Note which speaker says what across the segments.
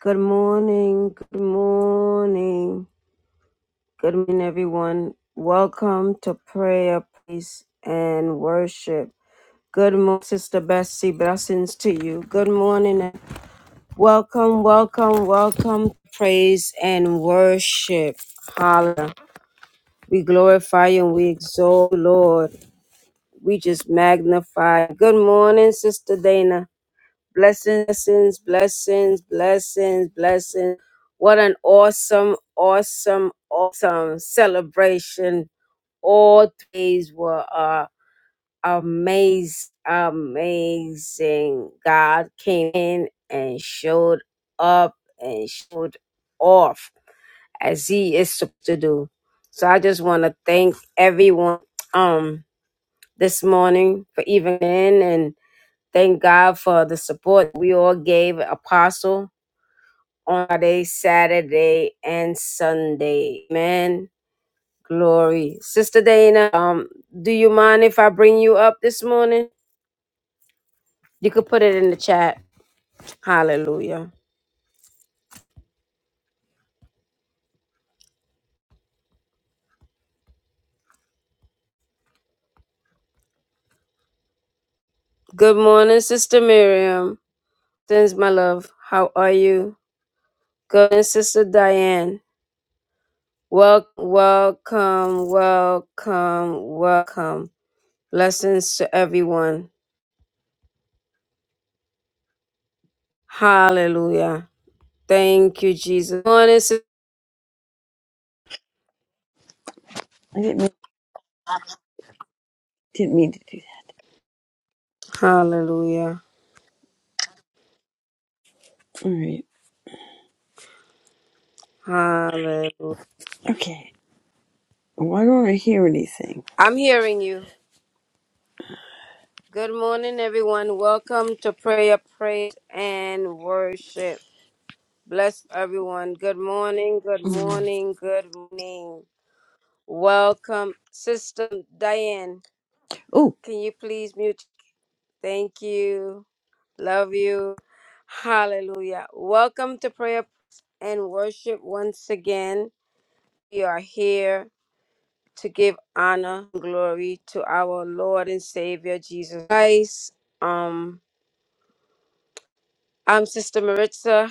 Speaker 1: Good morning. Good morning. Good morning, everyone. Welcome to prayer, peace, and worship. Good morning, Sister Bessie. Blessings to you. Good morning. and Welcome, welcome, welcome. Praise and worship. Hallelujah. We glorify you and we exalt, you, Lord. We just magnify. Good morning, Sister Dana. Blessings, blessings, blessings, blessings. What an awesome, awesome, awesome celebration. All days were uh, amazing, amazing. God came in and showed up and showed off as he is supposed to do. So I just want to thank everyone um this morning for even in and Thank God for the support we all gave Apostle on Friday, Saturday, and Sunday. Amen. Glory. Sister Dana, um, do you mind if I bring you up this morning? You could put it in the chat. Hallelujah. Good morning, Sister Miriam. Thanks, my love. How are you? Good morning, Sister Diane. Wel- welcome, welcome, welcome. Blessings to everyone. Hallelujah. Thank you, Jesus. Morning, sis-
Speaker 2: I didn't mean, didn't mean to do that.
Speaker 1: Hallelujah.
Speaker 2: All right.
Speaker 1: Hallelujah.
Speaker 2: Okay. Why don't I hear anything?
Speaker 1: I'm hearing you. Good morning, everyone. Welcome to prayer, praise, and worship. Bless everyone. Good morning. Good
Speaker 2: Mm.
Speaker 1: morning. Good morning. Welcome, Sister Diane.
Speaker 2: Oh,
Speaker 1: Can you please mute? Thank you. Love you. Hallelujah. Welcome to prayer and worship once again. We are here to give honor and glory to our Lord and Savior Jesus Christ. Um, I'm Sister Maritza.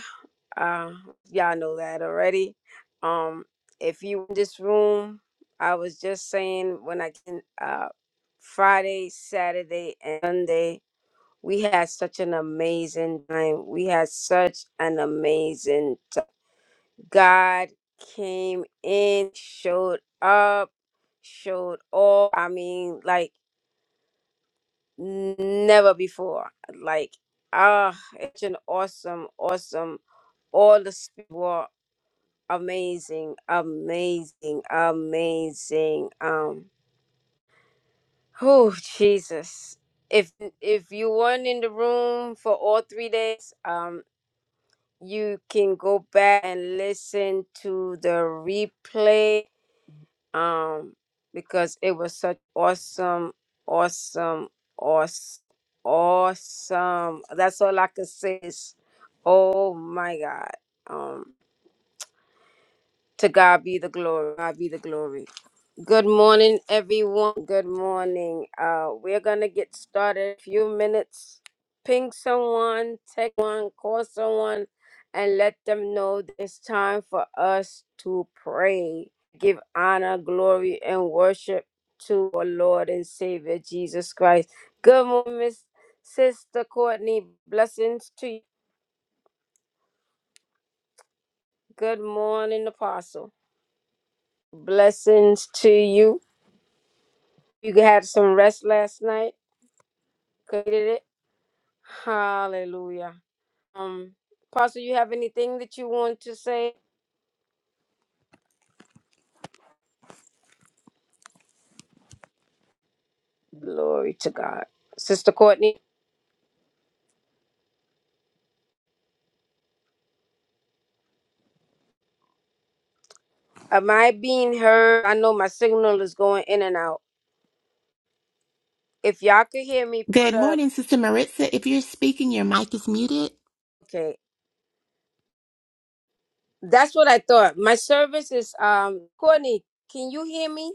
Speaker 1: Uh, y'all know that already. Um, if you in this room, I was just saying when I can uh Friday, Saturday, and Sunday, we had such an amazing time. We had such an amazing time. God came in, showed up, showed all. I mean, like never before. Like, ah, it's an awesome, awesome. All the speakers were amazing, amazing, amazing. Um, oh Jesus! If if you weren't in the room for all three days, um, you can go back and listen to the replay um, because it was such awesome, awesome, awesome, awesome. That's all I could say is, oh my God. Um, to God be the glory. God be the glory. Good morning, everyone. Good morning. Uh, we're gonna get started. A few minutes. Ping someone, text one, call someone, and let them know that it's time for us to pray. Give honor, glory, and worship to our Lord and Savior Jesus Christ. Good morning, Miss Sister Courtney. Blessings to you. Good morning, Apostle. Blessings to you. You had some rest last night. Created it. Hallelujah. Um, Pastor, you have anything that you want to say? Glory to God. Sister Courtney, am I being heard? I know my signal is going in and out. If y'all could hear me, put
Speaker 3: Good
Speaker 1: up.
Speaker 3: morning, Sister Maritza. If you're speaking, your mic is muted.
Speaker 1: Okay, that's what I thought. My service is um Courtney. Can you hear me?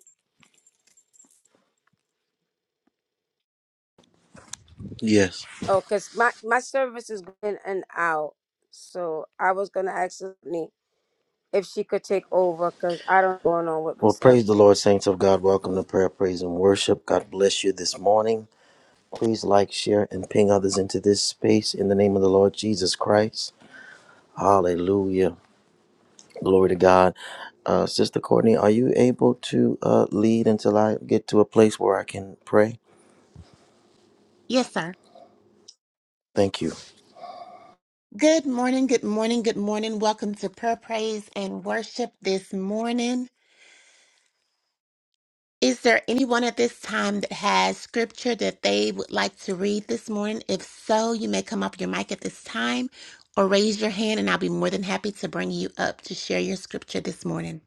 Speaker 4: Yes.
Speaker 1: Oh, cause my my service is going in and out. So I was gonna ask Courtney if she could take over, cause I don't know what's going on with my
Speaker 4: Well,
Speaker 1: service.
Speaker 4: praise the Lord, saints of God. Welcome to prayer, praise, and worship. God bless you this morning. Please like, share, and ping others into this space in the name of the Lord Jesus Christ. Hallelujah. Glory to God. Uh, Sister Courtney, are you able to uh, lead until I get to a place where I can pray?
Speaker 3: Yes, sir.
Speaker 4: Thank you.
Speaker 3: Good morning, good morning, good morning. Welcome to prayer, praise, and worship this morning. Is there anyone at this time that has scripture that they would like to read this morning? If so, you may come up your mic at this time or raise your hand, and I'll be more than happy to bring you up to share your scripture this morning.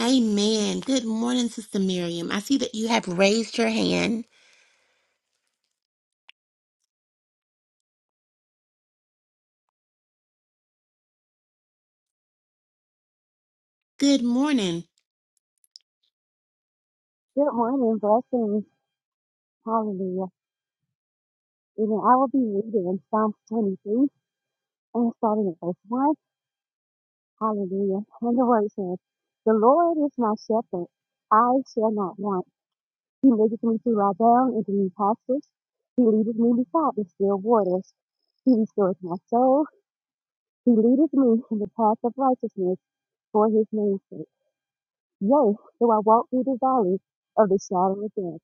Speaker 3: Amen. Good morning, Sister Miriam. I see that you have raised your hand. Good morning.
Speaker 5: Good morning, blessings. Hallelujah. Amen. I will be reading in Psalm 23 and starting at verse 1. Hallelujah. And the word says, The Lord is my shepherd. I shall not want. He maketh me to lie down in green pastures. He leadeth me beside the still waters. He restoreth my soul. He leadeth me in the path of righteousness for his name's sake. Yea, though I walk through the valley of the shadow of death,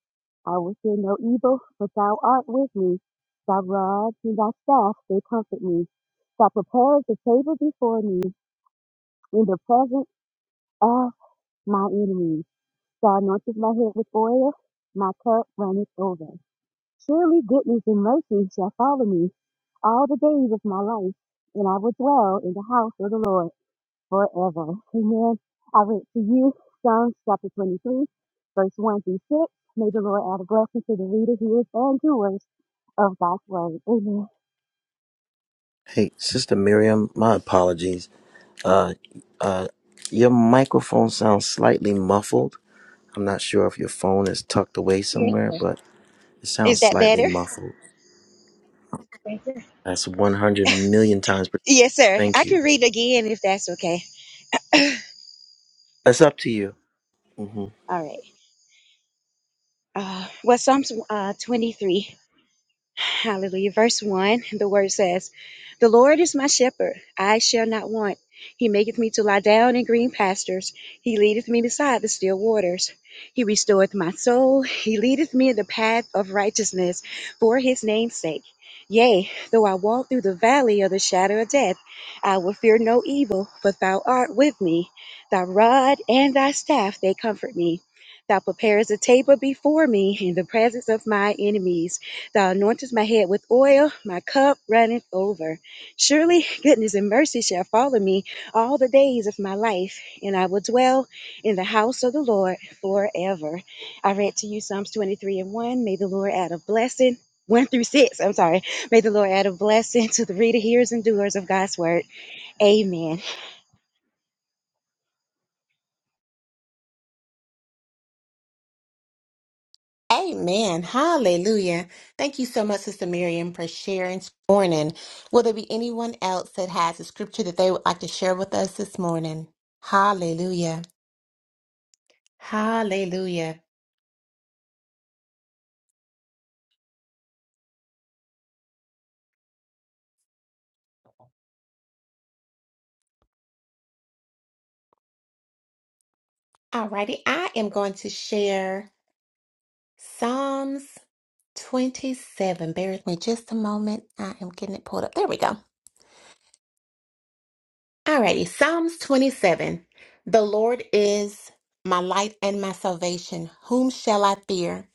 Speaker 5: I will fear no evil, for thou art with me. Thy rod and thy staff, they comfort me. Thou preparest a table before me in the presence of my enemies. Thou anointest my head with oil, my cup runneth over. Surely goodness and mercy shall follow me all the days of my life, and I will dwell in the house of the Lord forever. Amen. I read to you Psalms chapter 23, verse 1 through 6. May the Lord add a blessing to the reader who is and doers of God's word. Amen.
Speaker 4: Hey, Sister Miriam, my apologies. Uh, uh, your microphone sounds slightly muffled. I'm not sure if your phone is tucked away somewhere, but it
Speaker 5: Is
Speaker 4: sounds
Speaker 5: that
Speaker 4: slightly
Speaker 5: better?
Speaker 4: muffled. That's 100 million times. per-
Speaker 5: Yes, sir.
Speaker 4: Thank
Speaker 5: I
Speaker 4: you.
Speaker 5: can read again if that's okay.
Speaker 4: That's up to you. hmm
Speaker 5: All right. Uh, well, Psalms uh, 23. Hallelujah. Verse 1, the word says, The Lord is my shepherd, I shall not want. He maketh me to lie down in green pastures. He leadeth me beside the still waters. He restoreth my soul. He leadeth me in the path of righteousness for his name's sake. Yea, though I walk through the valley of the shadow of death, I will fear no evil, for thou art with me. Thy rod and thy staff, they comfort me. Thou preparest a table before me in the presence of my enemies. Thou anointest my head with oil, my cup runneth over. Surely goodness and mercy shall follow me all the days of my life, and I will dwell in the house of the Lord forever. I read to you Psalms 23 and 1. May the Lord add a blessing. 1 through 6, I'm sorry. May the Lord add a blessing to the reader, hearers, and doers of God's word. Amen.
Speaker 3: Amen. Hallelujah. Thank you so much, Sister Miriam, for sharing this morning. Will there be anyone else that has a scripture that they would like to share with us this morning? Hallelujah. Hallelujah. Alrighty, I am going to share Psalms 27. Bear with me just a moment. I am getting it pulled up. There we go. Alrighty, Psalms 27. The Lord is my light and my salvation. Whom shall I fear?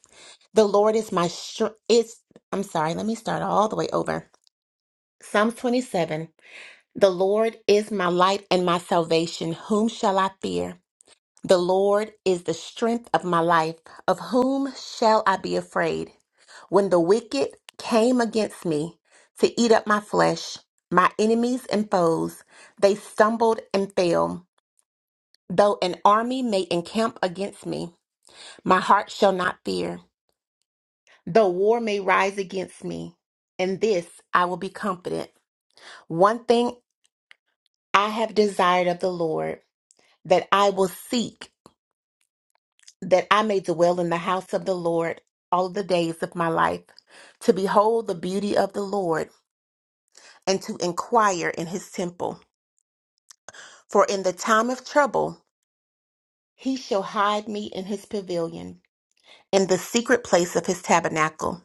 Speaker 3: The Lord is my str- is I'm sorry, let me start all the way over. Psalms 27. The Lord is my light and my salvation. Whom shall I fear? The Lord is the strength of my life. Of whom shall I be afraid? When the wicked came against me to eat up my flesh, my enemies and foes, they stumbled and fell. Though an army may encamp against me, my heart shall not fear. Though war may rise against me, in this I will be confident. One thing I have desired of the Lord, that I will seek, that I may dwell in the house of the Lord all the days of my life, to behold the beauty of the Lord, and to inquire in his temple. For in the time of trouble, he shall hide me in his pavilion, in the secret place of his tabernacle.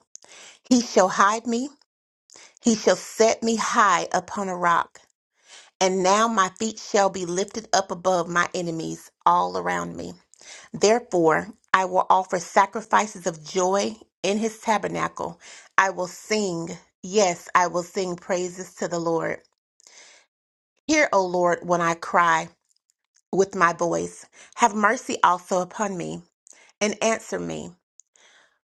Speaker 3: He shall hide me He shall set me high upon a rock, and now my feet shall be lifted up above my enemies all around me. Therefore, I will offer sacrifices of joy in his tabernacle. I will sing, yes, I will sing praises to the Lord. Hear, O Lord, when I cry with my voice. Have mercy also upon me, and answer me.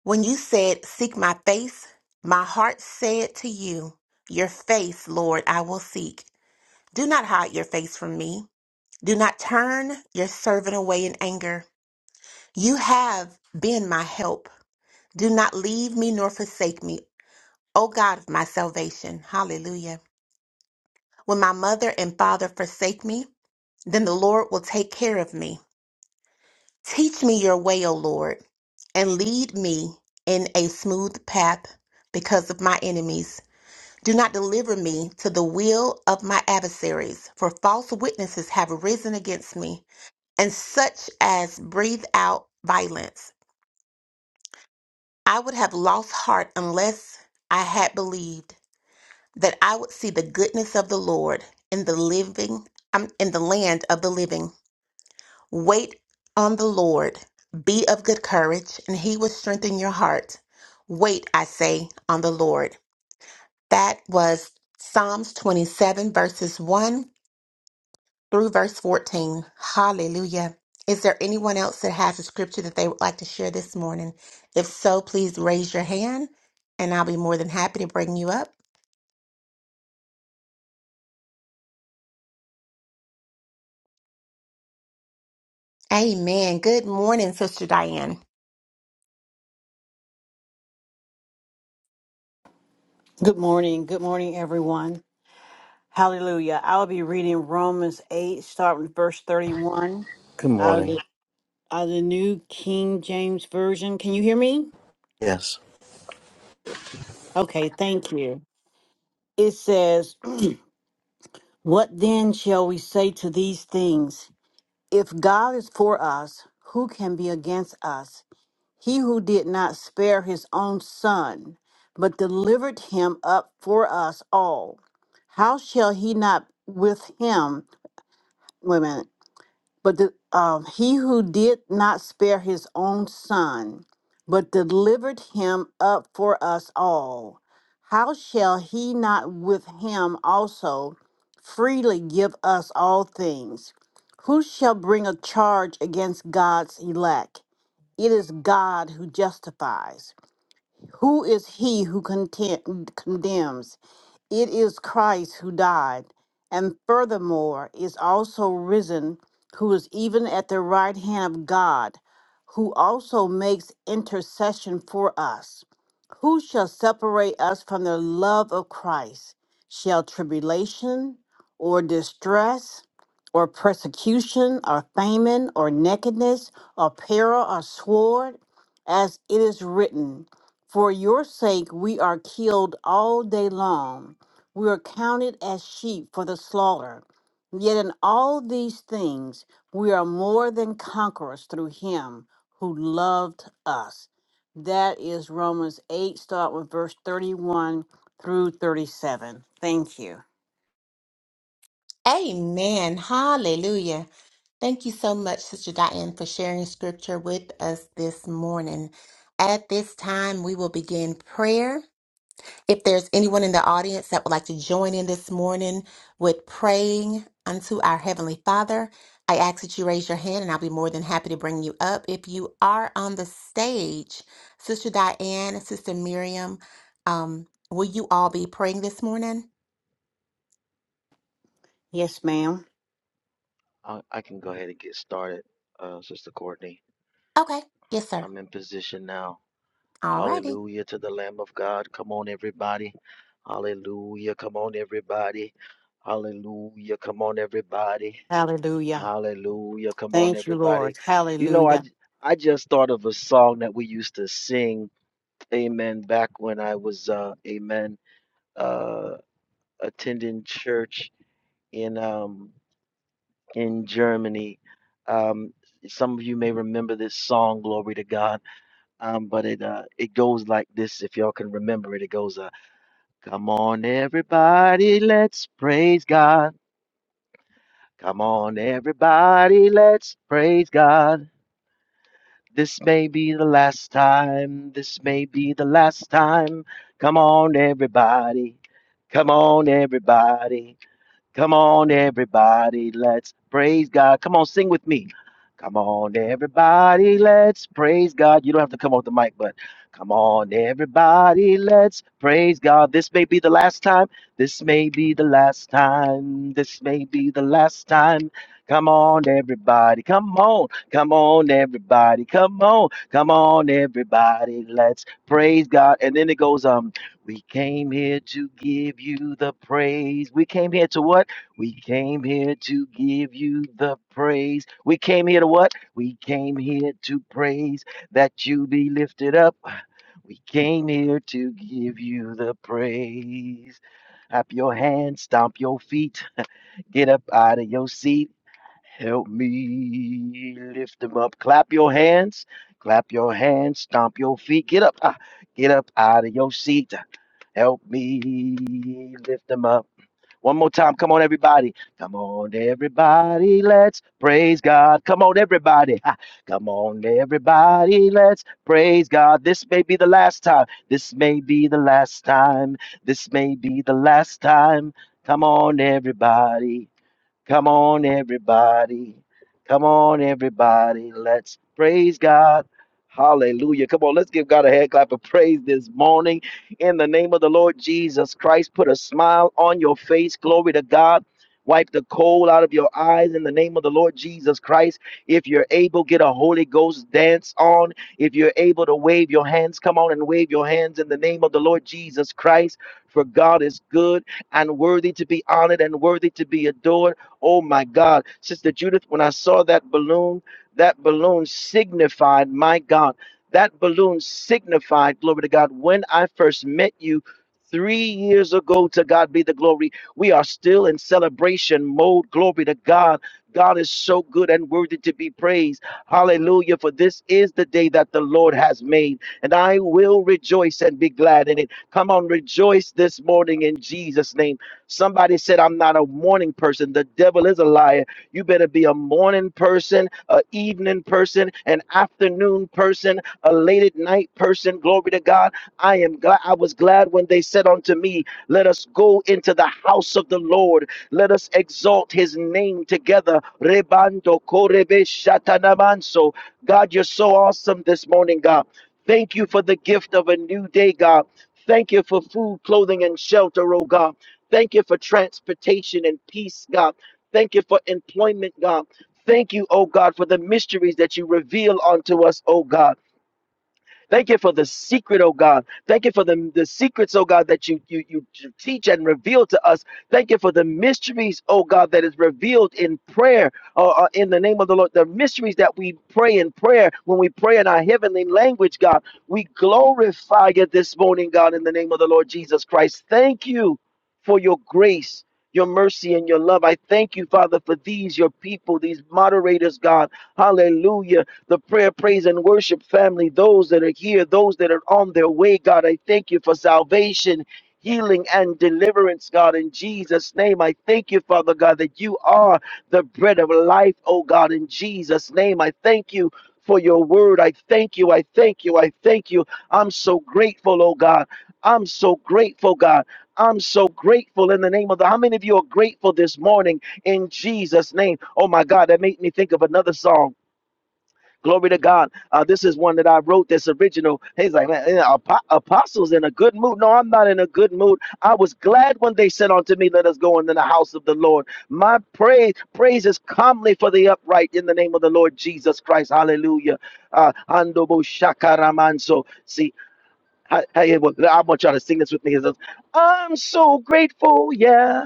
Speaker 3: When you said, Seek my face, my heart said to you, Your face, Lord, I will seek. Do not hide your face from me. Do not turn your servant away in anger. You have been my help. Do not leave me nor forsake me, O God of my salvation. Hallelujah. When my mother and father forsake me, then the Lord will take care of me. Teach me your way, O Lord, and lead me in a smooth path because of my enemies. Do not deliver me to the will of my adversaries, for false witnesses have arisen against me and such as breathe out violence. I would have lost heart unless I had believed that I would see the goodness of the Lord in the living um, in the land of the living. Wait on the Lord, be of good courage, and he will strengthen your heart. Wait, I say, on the Lord. That was Psalms 27 verses 1 through verse 14. Hallelujah. Is there anyone else that has a scripture that they would like to share this morning? If so, please raise your hand and I'll be more than happy to bring you up. Amen. Good morning, Sister Diane.
Speaker 6: Good morning. Good morning, everyone. Hallelujah. I'll be reading Romans 8, starting with verse 31
Speaker 4: Good
Speaker 6: out of,
Speaker 4: morning.
Speaker 6: the, out of the New King James Version. Can you hear me?
Speaker 4: Yes.
Speaker 6: Okay, thank you. It says, What then shall we say to these things? If God is for us, who can be against us? He who did not spare his own son, but delivered him up for us all, how shall he not with him, women? But the, um, he who did not spare his own son, but delivered him up for us all, how shall he not with him also freely give us all things? Who shall bring a charge against God's elect? It is God who justifies. Who is he who content, condemns? It is Christ who died, and furthermore is also risen, who is even at the right hand of God, who also makes intercession for us. Who shall separate us from the love of Christ? Shall tribulation, or distress, or persecution, or famine, or nakedness, or peril, or sword? As it is written, For your sake we are killed all day long. We are counted as sheep for the slaughter. Yet in all these things, we are more than conquerors through him who loved us. That is Romans 8, start with verse 31 through 37. Thank you.
Speaker 3: Amen. Hallelujah. Thank you so much, Sister Diane, for sharing scripture with us this morning. At this time, we will begin prayer. If there's anyone in the audience that would like to join in this morning with praying unto our Heavenly Father, I ask that you raise your hand and I'll be more than happy to bring you up. If you are on the stage, Sister Diane, Sister Miriam, um, will you all be praying this morning?
Speaker 6: Yes, ma'am.
Speaker 4: I, I can go ahead and get started, uh, Sister Courtney.
Speaker 3: Okay. Yes, sir.
Speaker 4: I'm in position now.
Speaker 3: Alrighty.
Speaker 4: Hallelujah to the Lamb of God. Come on, everybody. Hallelujah. Come on, everybody. Hallelujah. Come on, everybody.
Speaker 6: Hallelujah.
Speaker 4: Hallelujah. Come on,
Speaker 6: Thank you,
Speaker 4: everybody.
Speaker 6: Lord.
Speaker 4: You know, I,
Speaker 6: Hallelujah.
Speaker 4: j- I just thought of a song that we used to sing, amen, back when I was, uh, amen. uh, attending church in um in Germany. Um, some of you may remember this song, "Glory to God," um, but it uh it goes like this. If y'all can remember it, it goes, uh, "Come on, everybody, let's praise God. Come on, everybody, let's praise God." This may be the last time. This may be the last time. Come on, everybody. Come on, everybody. Come on, everybody, let's praise God. Come on, sing with me. Come on, everybody, let's praise God. You don't have to come off the mic, but come on, everybody, let's praise God. This may be the last time. This may be the last time. This may be the last time. Come on, everybody. Come on. Come on, everybody. Come on. Come on, everybody. Let's praise God. And then it goes, um, we came here to give you the praise. We came here to what? We came here to give you the praise. We came here to what? We came here to praise that you be lifted up. We came here to give you the praise. Clap your hands, stomp your feet, get up out of your seat. Help me lift them up. Clap your hands, clap your hands, stomp your feet, get up, ah, get up out of your seat. Help me lift them up. One more time. Come on, everybody. Come on, everybody. Let's praise God. Come on, everybody. Ha. Come on, everybody. Let's praise God. This may be the last time. This may be the last time. This may be the last time. Come on, everybody. Come on, everybody. Come on, everybody. Let's praise God. Hallelujah. Come on, let's give God a hand clap of praise this morning. In the name of the Lord Jesus Christ, put a smile on your face. Glory to God. Wipe the coal out of your eyes in the name of the Lord Jesus Christ. If you're able, get a Holy Ghost dance on. If you're able to wave your hands, come on and wave your hands in the name of the Lord Jesus Christ. For God is good and worthy to be honored and worthy to be adored. Oh my God. Sister Judith, when I saw that balloon, that balloon signified, my God, that balloon signified, glory to God, when I first met you. Three years ago, to God be the glory. We are still in celebration mode. Glory to God. God is so good and worthy to be praised. Hallelujah. For this is the day that the Lord has made, and I will rejoice and be glad in it. Come on, rejoice this morning in Jesus' name. Somebody said, I'm not a morning person. The devil is a liar. You better be a morning person, a evening person, an afternoon person, a late at night person. Glory to God. I am glad. I was glad when they said unto me, Let us go into the house of the Lord. Let us exalt his name together. Rebando korebe shatanamanso. God, you're so awesome this morning, God. Thank you for the gift of a new day, God. Thank you for food, clothing, and shelter, oh God. Thank you for transportation and peace, God. Thank you for employment, God. Thank you, oh God, for the mysteries that you reveal unto us, oh God. Thank you for the secret, oh God. Thank you for the, the secrets, oh God, that you, you you teach and reveal to us. Thank you for the mysteries, oh God, that is revealed in prayer, uh, uh, in the name of the Lord. The mysteries that we pray in prayer when we pray in our heavenly language, God. We glorify you this morning, God, in the name of the Lord Jesus Christ. Thank you for your grace. Your mercy and your love. I thank you, Father, for these, your people, these moderators, God. Hallelujah the prayer, praise, and worship family, those that are here, those that are on their way, God. I thank you for salvation. Healing and deliverance, God, in Jesus' name. I thank you, Father God, that you are the bread of life, oh God, in Jesus' name. I thank you for your word. I thank you. I thank you. I thank you. I'm so grateful, oh God. I'm so grateful, God. I'm so grateful in the name of the. How many of you are grateful this morning in Jesus' name? Oh my God, that made me think of another song. Glory to God. Uh, this is one that I wrote. This original. He's like, man, eh, apo- apostles in a good mood. No, I'm not in a good mood. I was glad when they said unto me, "Let us go into the house of the Lord." My praise, praise is calmly for the upright in the name of the Lord Jesus Christ. Hallelujah. Uh, Andobo shakaramanso. See, I, I, I want y'all to sing this with me. It says, I'm so grateful. Yeah.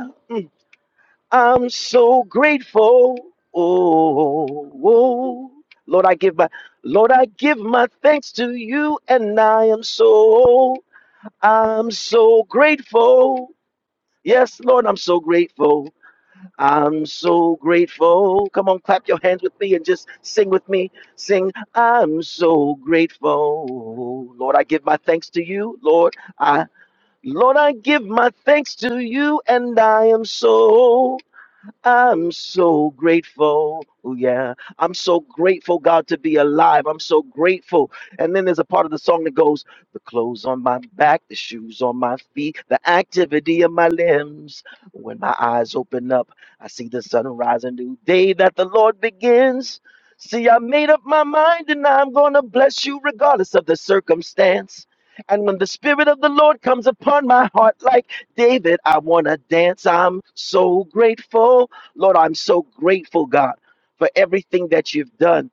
Speaker 4: I'm so grateful. Oh, oh. Lord, I give my Lord, I give my thanks to you, and I am so I'm so grateful. Yes, Lord, I'm so grateful. I'm so grateful. Come on, clap your hands with me and just sing with me. Sing, I'm so grateful. Lord, I give my thanks to you. Lord, I Lord, I give my thanks to you, and I am so. I'm so grateful. Oh, yeah. I'm so grateful, God, to be alive. I'm so grateful. And then there's a part of the song that goes, The clothes on my back, the shoes on my feet, the activity of my limbs. When my eyes open up, I see the sunrise, a new day that the Lord begins. See, I made up my mind and I'm going to bless you regardless of the circumstance. And when the Spirit of the Lord comes upon my heart like David, I want to dance. I'm so grateful. Lord, I'm so grateful, God, for everything that you've done.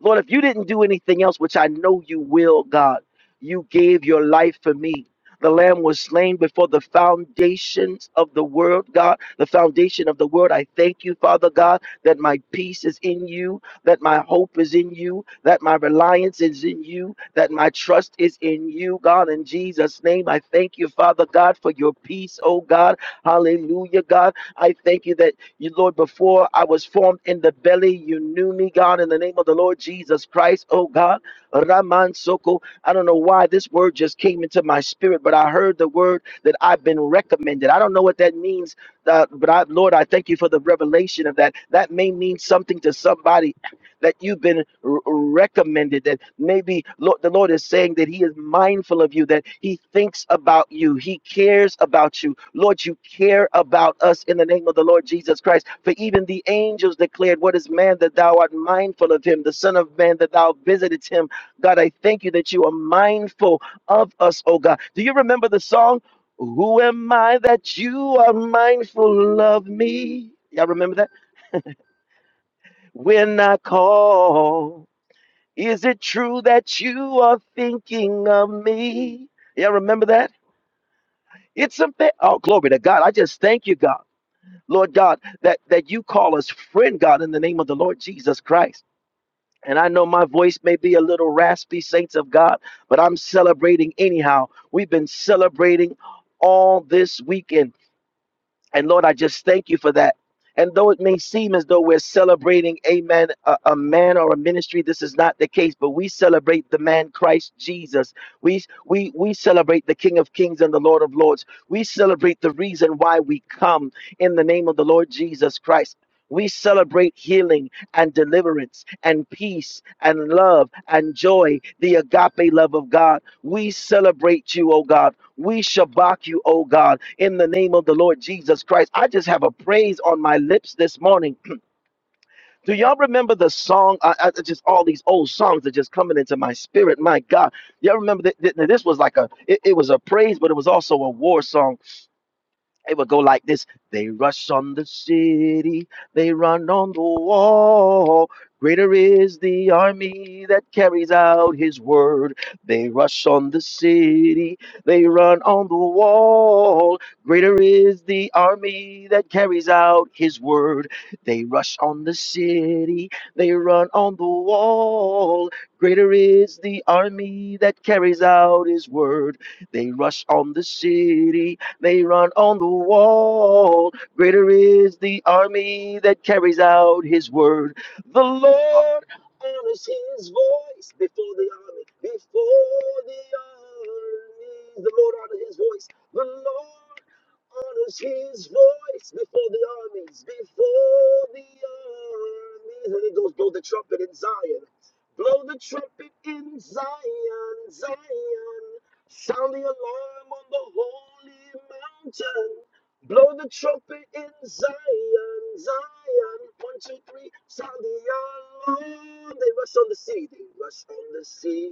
Speaker 4: Lord, if you didn't do anything else, which I know you will, God, you gave your life for me. The Lamb was slain before the foundations of the world, God. The foundation of the world. I thank you, Father God, that my peace is in you, that my hope is in you, that my reliance is in you, that my trust is in you, God. In Jesus' name, I thank you, Father God, for your peace, oh God. Hallelujah, God. I thank you that. You, Lord, before I was formed in the belly, you knew me, God, in the name of the Lord Jesus Christ. Oh, God, Raman Soko. I don't know why this word just came into my spirit, but I heard the word that I've been recommended. I don't know what that means, uh, but I, Lord, I thank you for the revelation of that. That may mean something to somebody that you've been r- recommended that maybe Lord, the Lord is saying that he is mindful of you that he thinks about you he cares about you Lord you care about us in the name of the Lord Jesus Christ for even the angels declared what is man that thou art mindful of him the son of man that thou visitest him God I thank you that you are mindful of us oh God do you remember the song who am I that you are mindful of me y'all remember that when I call is it true that you are thinking of me? Yeah, remember that? It's a bit. Oh, glory to God. I just thank you, God. Lord God, that, that you call us friend, God, in the name of the Lord Jesus Christ. And I know my voice may be a little raspy, saints of God, but I'm celebrating anyhow. We've been celebrating all this weekend and Lord, I just thank you for that. And though it may seem as though we're celebrating, amen, a, a man or a ministry, this is not the case. But we celebrate the man Christ Jesus. We, we, we celebrate the King of Kings and the Lord of Lords. We celebrate the reason why we come in the name of the Lord Jesus Christ. We celebrate healing and deliverance and peace and love and joy, the agape love of God. We celebrate you, oh God. We shabak you, oh God, in the name of the Lord Jesus Christ. I just have a praise on my lips this morning. Do y'all remember the song? I, I- I just all these old songs are just coming into my spirit. My God, y'all remember that, this was like a it, it was a praise, but it was also a war song it would go like this They rush on the city, they run on the wall. Greater is the army that carries out his word. They rush on the city, they run on the wall. Greater is the army that carries out his word. They rush on the city, they run on the wall. Greater is the army that carries out his word. They rush on the city, they run on the wall. Greater is the army that carries out his word. The Lord honors his voice before the army. Before the army, the Lord honors his voice. The Lord honors his voice before the armies, before the armies. And it goes, blow the trumpet in Zion. Blow the trumpet in Zion, Zion. Sound the alarm on the holy mountain. Blow the trumpet in Zion, Zion. One, two, three, sound the alarm. They rush on the city, they rush on the city,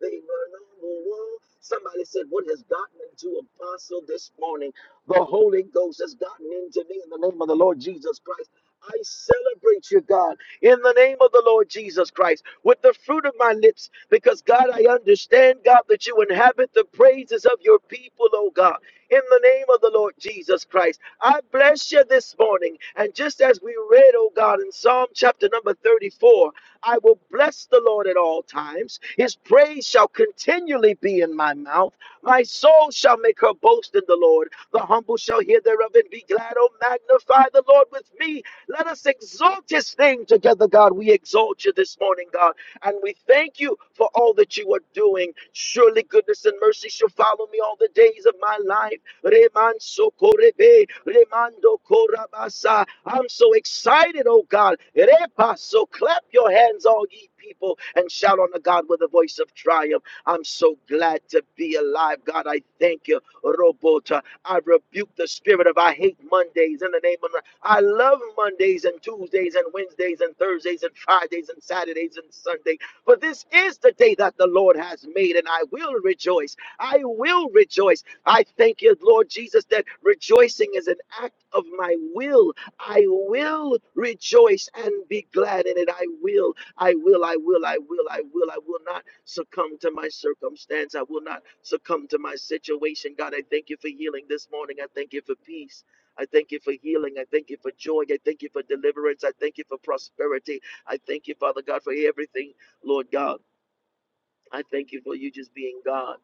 Speaker 4: they run on the wall. Somebody said, What has gotten into Apostle this morning? The Holy Ghost has gotten into me in the name of the Lord Jesus Christ. I celebrate you, God, in the name of the Lord Jesus Christ, with the fruit of my lips, because God, I understand, God, that you inhabit the praises of your people, oh God, in the name of the Lord Jesus Christ. I bless you this morning. And just as we read, oh God, in Psalm chapter number 34, I will bless the Lord at all times. His praise shall continually be in my mouth. My soul shall make her boast in the Lord. The humble shall hear thereof and be glad. Oh, magnify the Lord with me. Let us exalt his name together, God. We exalt you this morning, God. And we thank you for all that you are doing. Surely goodness and mercy shall follow me all the days of my life. Reman socorrebe, remando corabasa. I'm so excited, oh God. Repa, so clap your hands, all ye people, and shout unto God with a voice of triumph. I'm so glad to be alive, God. I thank you. Robot. I rebuke the spirit of I hate Mondays in the name of I love Mondays and Tuesdays and Wednesdays and Thursdays and Fridays and Saturdays and Sunday. For this is the day that the Lord has made, and I will rejoice. I will rejoice. I thank you, Lord Jesus, that rejoicing is an act of my will. I will rejoice and be glad in it. I will, I will, I will, I will, I will, I will not succumb to my circumstance. I will not succumb to my situation. God, I thank you for healing this morning. I thank you for peace. I thank you for healing. I thank you for joy. I thank you for deliverance. I thank you for prosperity. I thank you, Father God, for everything, Lord God. I thank you for you just being God.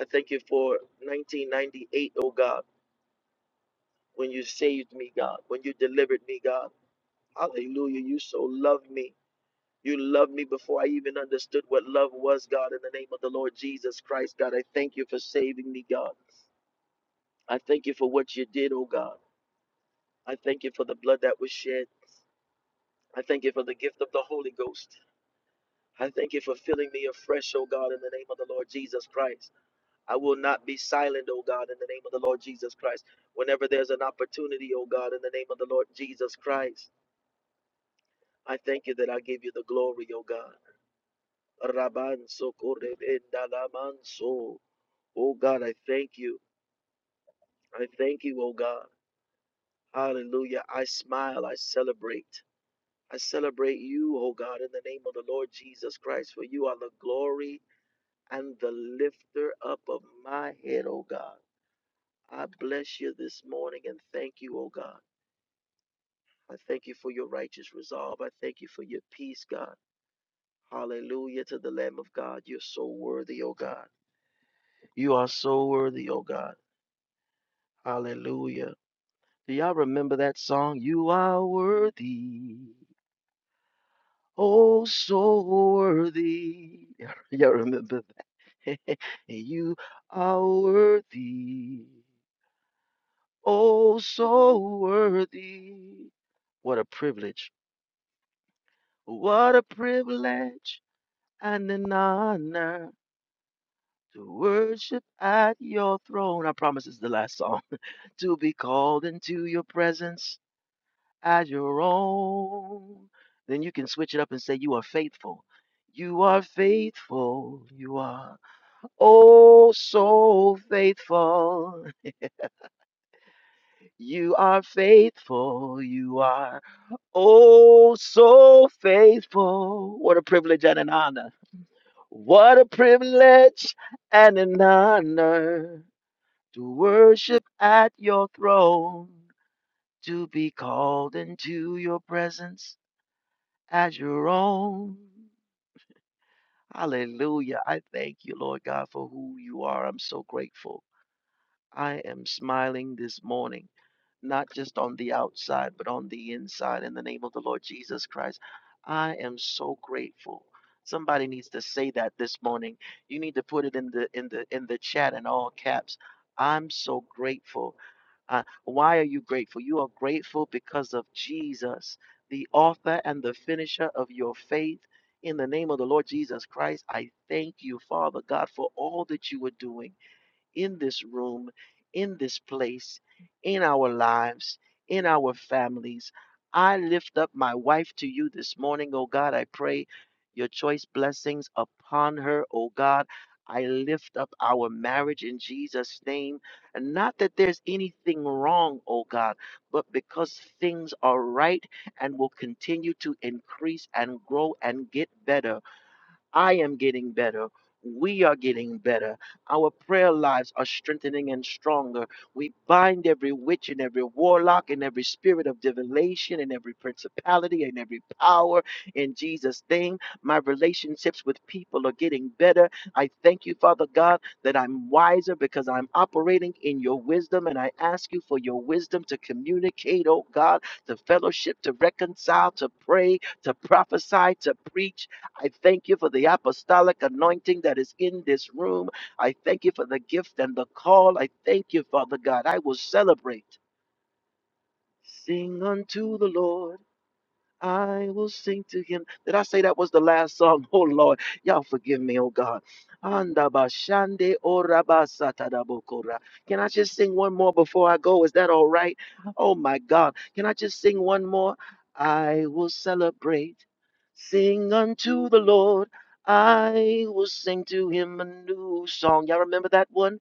Speaker 4: I thank you for 1998, O God, when you saved me, God, when you delivered me, God. Hallelujah. You so loved me. You loved me before I even understood what love was, God, in the name of the Lord Jesus Christ, God. I thank you for saving me, God. I thank you for what you did, oh God. I thank you for the blood that was shed. I thank you for the gift of the Holy Ghost. I thank you for filling me afresh, oh God, in the name of the Lord Jesus Christ. I will not be silent, oh God, in the name of the Lord Jesus Christ. Whenever there's an opportunity, oh God, in the name of the Lord Jesus Christ, I thank you that I give you the glory, oh God. Raban sokorebendalamanso. Oh God, I thank you. I thank you, oh God. Hallelujah. I smile. I celebrate. I celebrate you, oh God, in the name of the Lord Jesus Christ, for you are the glory and the lifter up of my head, oh God. I bless you this morning and thank you, oh God. I thank you for your righteous resolve. I thank you for your peace, God. Hallelujah to the Lamb of God. You're so worthy, oh God. You are so worthy, oh God. Hallelujah. Do y'all remember that song? You are worthy. Oh, so worthy. Y'all remember that? You are worthy. Oh, so worthy. What a privilege. What a privilege and an honor to worship at your throne. I promise it's the last song. To be called into your presence as your own. Then you can switch it up and say, You are faithful. You are faithful. You are oh so faithful. You are faithful. You are oh so faithful. What a privilege and an honor. What a privilege and an honor to worship at your throne, to be called into your presence as your own. Hallelujah. I thank you, Lord God, for who you are. I'm so grateful. I am smiling this morning not just on the outside, but on the inside. In the name of the Lord Jesus Christ, I am so grateful. Somebody needs to say that this morning. You need to put it in the in the in the chat in all caps. I'm so grateful. Uh, why are you grateful? You are grateful because of Jesus, the author and the finisher of your faith. In the name of the Lord Jesus Christ, I thank you, Father God, for all that you are doing in this room, in this place, in our lives, in our families. I lift up my wife to you this morning, oh God. I pray your choice blessings upon her, oh God. I lift up our marriage in Jesus' name. And not that there's anything wrong, oh God, but because things are right and will continue to increase and grow and get better. I am getting better. We are getting better. Our prayer lives are strengthening and stronger. We bind every witch and every warlock and every spirit of divination and every principality and every power in Jesus' name. My relationships with people are getting better. I thank you, Father God, that I'm wiser because I'm operating in your wisdom. And I ask you for your wisdom to communicate, oh God, to fellowship, to reconcile, to pray, to prophesy, to preach. I thank you for the apostolic anointing that is in this room. I thank you for the gift and the call. I thank you, Father God. I will celebrate. Sing unto the Lord I will sing to him. Did I say that was the last song? Oh Lord, y'all forgive me, oh God. Andabashande orabasatadabokora. Can I just sing one more before I go? Is that all right? Oh my God. Can I just sing one more? I will celebrate. Sing unto the Lord. I will sing to him a new song. Y'all remember that one?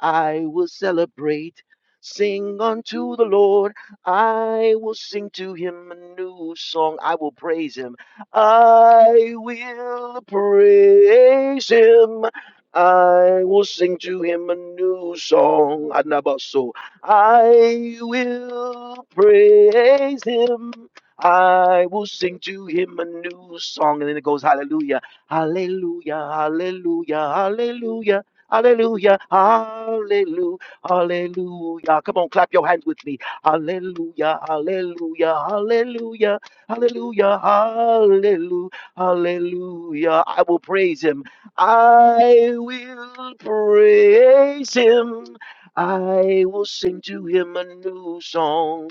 Speaker 4: I will celebrate. Sing unto the Lord. I will sing to him a new song. I will praise him. I will praise him. I will sing to him a new song. Anabaso. I will praise him. I will sing to him a new song. And then it goes, Hallelujah, Hallelujah, Hallelujah, Hallelujah. Hallelujah. Hallelujah. Hallelujah. Come on, clap your hands with me. Hallelujah. Hallelujah. Hallelujah. Hallelujah. Hallelujah. Hallelujah. I will praise him. I will praise him. I will sing to him a new song.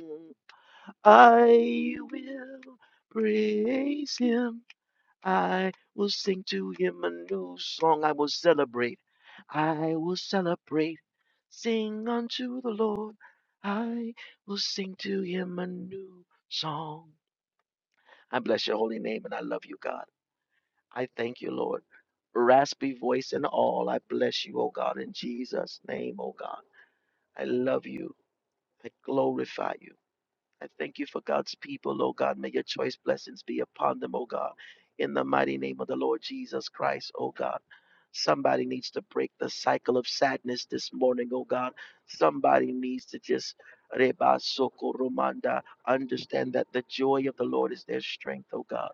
Speaker 4: I will praise him. I will sing to him a new song. I will celebrate. I will celebrate. Sing unto the Lord. I will sing to him a new song. I bless your holy name and I love you, God. I thank you, Lord. Raspy voice and all, I bless you, O God, in Jesus' name, O God. I love you. I glorify you. I thank you for God's people, oh God. May your choice blessings be upon them, oh God. In the mighty name of the Lord Jesus Christ, oh God. Somebody needs to break the cycle of sadness this morning, oh God. Somebody needs to just Reba Soko Romanda understand that the joy of the Lord is their strength, oh God.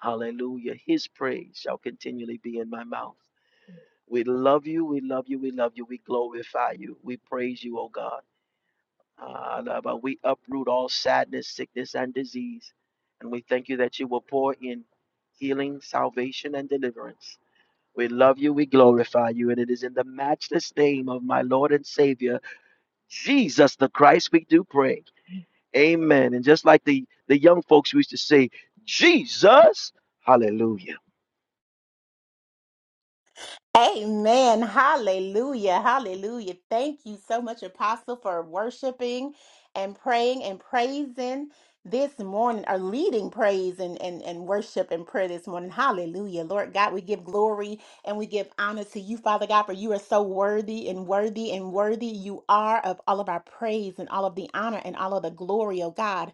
Speaker 4: Hallelujah. His praise shall continually be in my mouth. We love you, we love you, we love you, we glorify you, we praise you, oh God. Ah, Lord, but we uproot all sadness, sickness, and disease. And we thank you that you will pour in healing, salvation, and deliverance. We love you. We glorify you. And it is in the matchless name of my Lord and Savior, Jesus the Christ, we do pray. Amen. And just like the, the young folks used to say, Jesus, hallelujah.
Speaker 3: Amen. Hallelujah. Hallelujah. Thank you so much, Apostle, for worshiping and praying and praising this morning, or leading praise and, and, and worship and prayer this morning. Hallelujah. Lord God, we give glory and we give honor to you, Father God, for you are so worthy and worthy and worthy you are of all of our praise and all of the honor and all of the glory, oh God.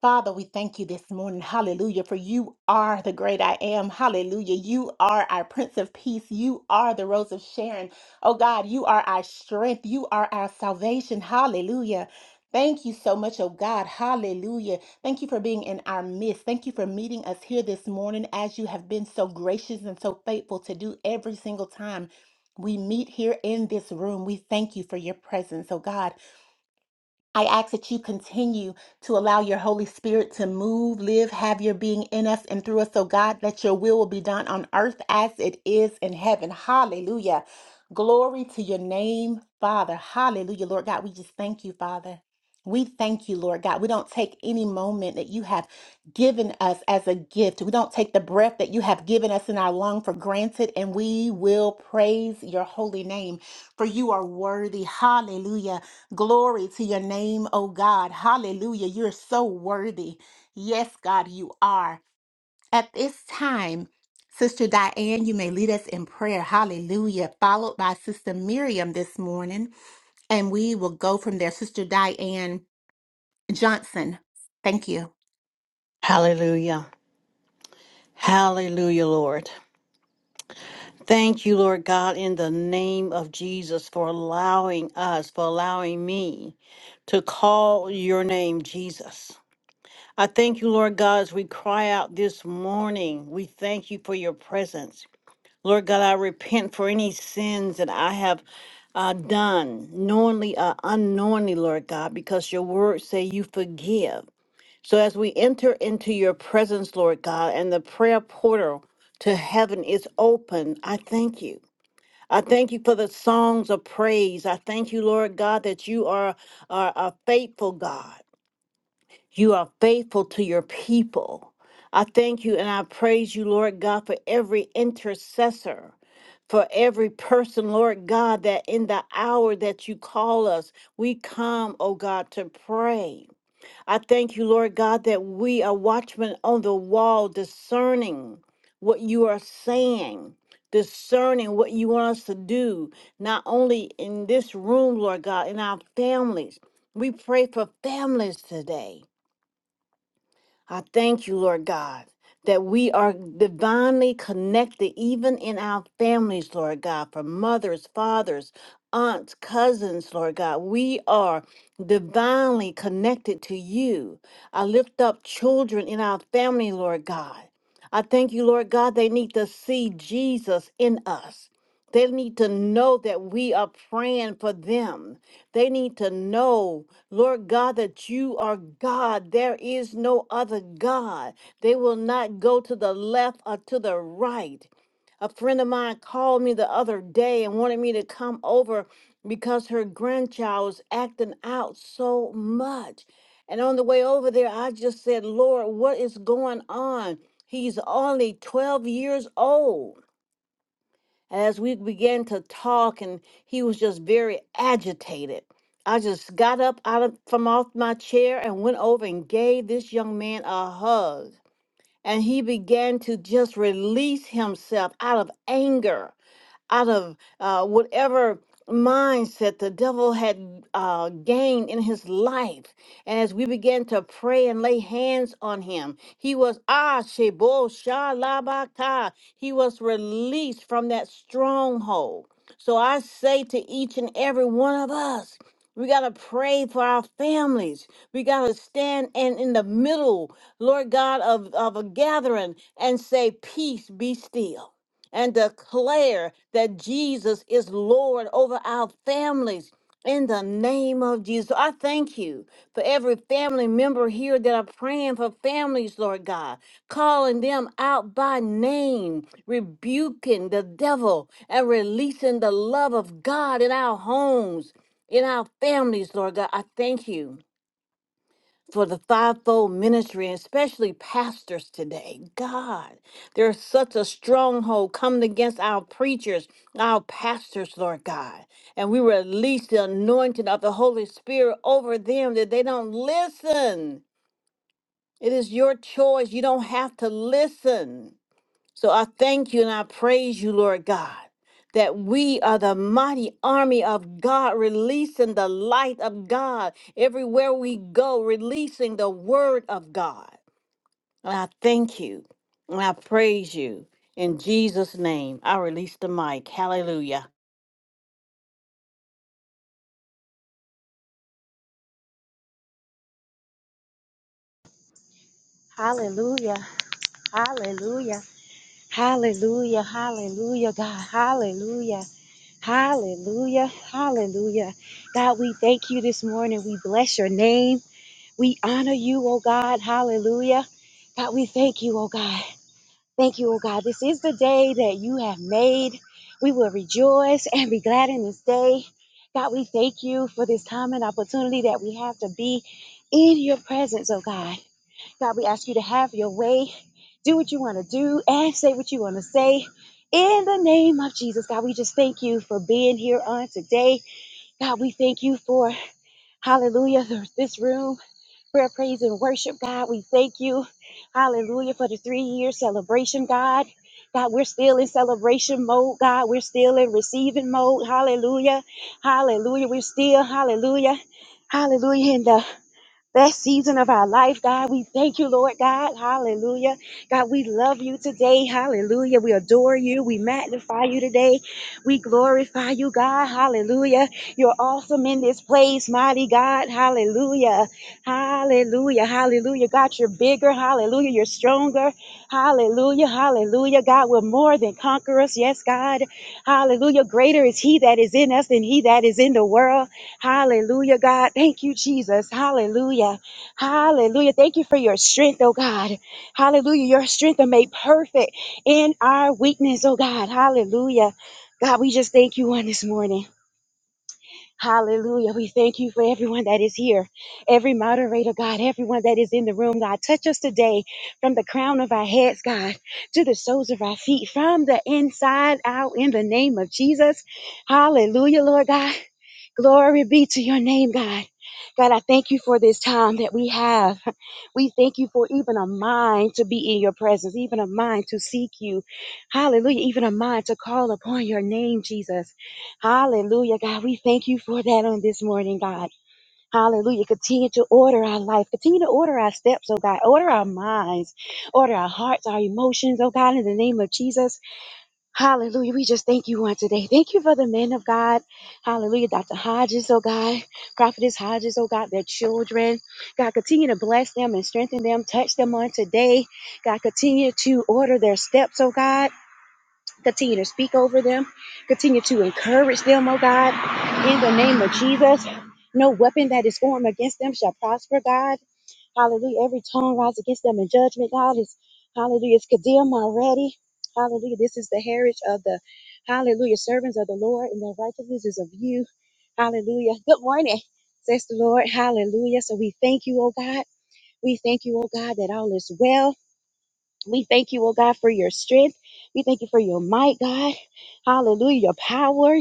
Speaker 3: Father, we thank you this morning. Hallelujah. For you are the great I am. Hallelujah. You are our Prince of Peace. You are the Rose of Sharon. Oh God, you are our strength. You are our salvation. Hallelujah. Thank you so much, oh God. Hallelujah. Thank you for being in our midst. Thank you for meeting us here this morning as you have been so gracious and so faithful to do every single time we meet here in this room. We thank you for your presence, oh God. I ask that you continue to allow your Holy Spirit to move, live, have your being in us and through us. So, God, that your will will be done on earth as it is in heaven. Hallelujah. Glory to your name, Father. Hallelujah, Lord God. We just thank you, Father. We thank you, Lord God. We don't take any moment that you have given us as a gift. We don't take the breath that you have given us in our lung for granted, and we will praise your holy name, for you are worthy. Hallelujah. Glory to your name, oh God. Hallelujah. You're so worthy. Yes, God, you are. At this time, Sister Diane, you may lead us in prayer. Hallelujah. Followed by Sister Miriam this morning. And we will go from there. Sister Diane Johnson, thank you.
Speaker 6: Hallelujah. Hallelujah, Lord. Thank you, Lord God, in the name of Jesus, for allowing us, for allowing me to call your name, Jesus. I thank you, Lord God, as we cry out this morning. We thank you for your presence. Lord God, I repent for any sins that I have uh, done, knowingly or unknowingly, Lord God, because your words say you forgive. So as we enter into your presence, Lord God, and the prayer portal to heaven is open, I thank you. I thank you for the songs of praise. I thank you, Lord God, that you are, are a faithful God. You are faithful to your people. I thank you and I praise you, Lord God, for every intercessor, for every person, Lord God, that in the hour that you call us, we come, oh God, to pray. I thank you, Lord God, that we are watchmen on the wall, discerning what you are saying, discerning what you want us to do, not only in this room, Lord God, in our families. We pray for families today. I thank you, Lord God, that we are divinely connected, even in our families, Lord God, for mothers, fathers, aunts, cousins, Lord God. We are divinely connected to you. I lift up children in our family, Lord God. I thank you, Lord God, they need to see Jesus in us. They need to know that we are praying for them. They need to know, Lord God, that you are God. There is no other God. They will not go to the left or to the right. A friend of mine called me the other day and wanted me to come over because her grandchild was acting out so much. And on the way over there, I just said, Lord, what is going on? He's only 12 years old. As we began to talk, and he was just very agitated. I just got up out of from off my chair and went over and gave this young man a hug. And he began to just release himself out of anger out of uh, whatever mindset the devil had uh, gained in his life. And as we began to pray and lay hands on him, he was ah shebo shalabaka. He was released from that stronghold. So I say to each and every one of us, we got to pray for our families. We got to stand and in the middle, Lord God, of, of a gathering and say, Peace be still and declare that Jesus is Lord over our families. In the name of Jesus, I thank you for every family member here that are praying for families, Lord God, calling them out by name, rebuking the devil, and releasing the love of God in our homes, in our families, Lord God. I thank you for the fivefold ministry, and especially pastors today. God, there's such a stronghold coming against our preachers, our pastors, Lord God. And we release the anointing of the Holy Spirit over them that they don't listen. It is your choice. You don't have to listen. So I thank you and I praise you, Lord God, that we are the mighty army of God, releasing the light of God everywhere we go, releasing the word of God. And I thank you and I praise you. In Jesus' name, I release the mic. Hallelujah.
Speaker 5: Hallelujah. Hallelujah. Hallelujah. Hallelujah, God. Hallelujah. Hallelujah. Hallelujah. God, we thank you this morning. We bless your name. We honor you, oh God. Hallelujah. God, we thank you, oh God. Thank you, oh God. This is the day that you have made. We will rejoice and be glad in this day. God, we thank you for this time and opportunity that we have to be in your presence, oh God. God, we ask you to have your way, do what you want to do, and say what you want to say. In the name of Jesus, God, we just thank you for being here on today. God, we thank you for, hallelujah, th- this room, prayer, praise, and worship. God, we thank you, hallelujah, for the three year celebration, God. God, we're still in celebration mode. God, we're still in receiving mode. Hallelujah. Hallelujah. We're still, hallelujah. Hallelujah. in the. Best season of our life, God. We thank you, Lord God. Hallelujah. God, we love you today. Hallelujah. We adore you. We magnify you today. We glorify you, God. Hallelujah. You're awesome in this place, mighty God. Hallelujah. Hallelujah. Hallelujah. God, you're bigger. Hallelujah. You're stronger. Hallelujah. Hallelujah. God, we're more than conquerors. Yes, God. Hallelujah. Greater is he that is in us than he that is in the world. Hallelujah, God. Thank you, Jesus. Hallelujah. Hallelujah. Thank you for your strength, oh God. Hallelujah. Your strength are made perfect in our weakness, oh God. Hallelujah. God, we just thank you on this morning. Hallelujah. We thank you for everyone that is here, every moderator, God, everyone that is in the room, God. Touch us today from the crown of our heads, God, to the soles of our feet, from the inside out in the name of Jesus. Hallelujah, Lord God. Glory be to your name, God. God, I thank you for this time that we have. We thank you for even a mind to be in your presence, even a mind to seek you. Hallelujah. Even a mind to call upon your name, Jesus. Hallelujah, God. We thank you for that on this morning, God. Hallelujah. Continue to order our life. Continue to order our steps, oh God. Order our minds. Order our hearts, our emotions, oh God, in the name of Jesus. Hallelujah. We just thank you on today. Thank you for the men of God. Hallelujah. Dr. Hodges, oh God. Prophetess Hodges, oh God, their children. God, continue to bless them and strengthen them. Touch them on today. God, continue to order their steps, oh God. Continue to speak over them. Continue to encourage them, oh God. In the name of Jesus. No weapon that is formed against them shall prosper, God. Hallelujah. Every tongue rise against them in judgment. God is, hallelujah, it's condemned already. Hallelujah. This is the heritage of the, hallelujah, servants of the Lord, and their righteousness is of you. Hallelujah. Good morning, says the Lord. Hallelujah. So we thank you, oh God. We thank you, oh God, that all is well. We thank you, oh God, for your strength. We thank you for your might, God. Hallelujah, your power.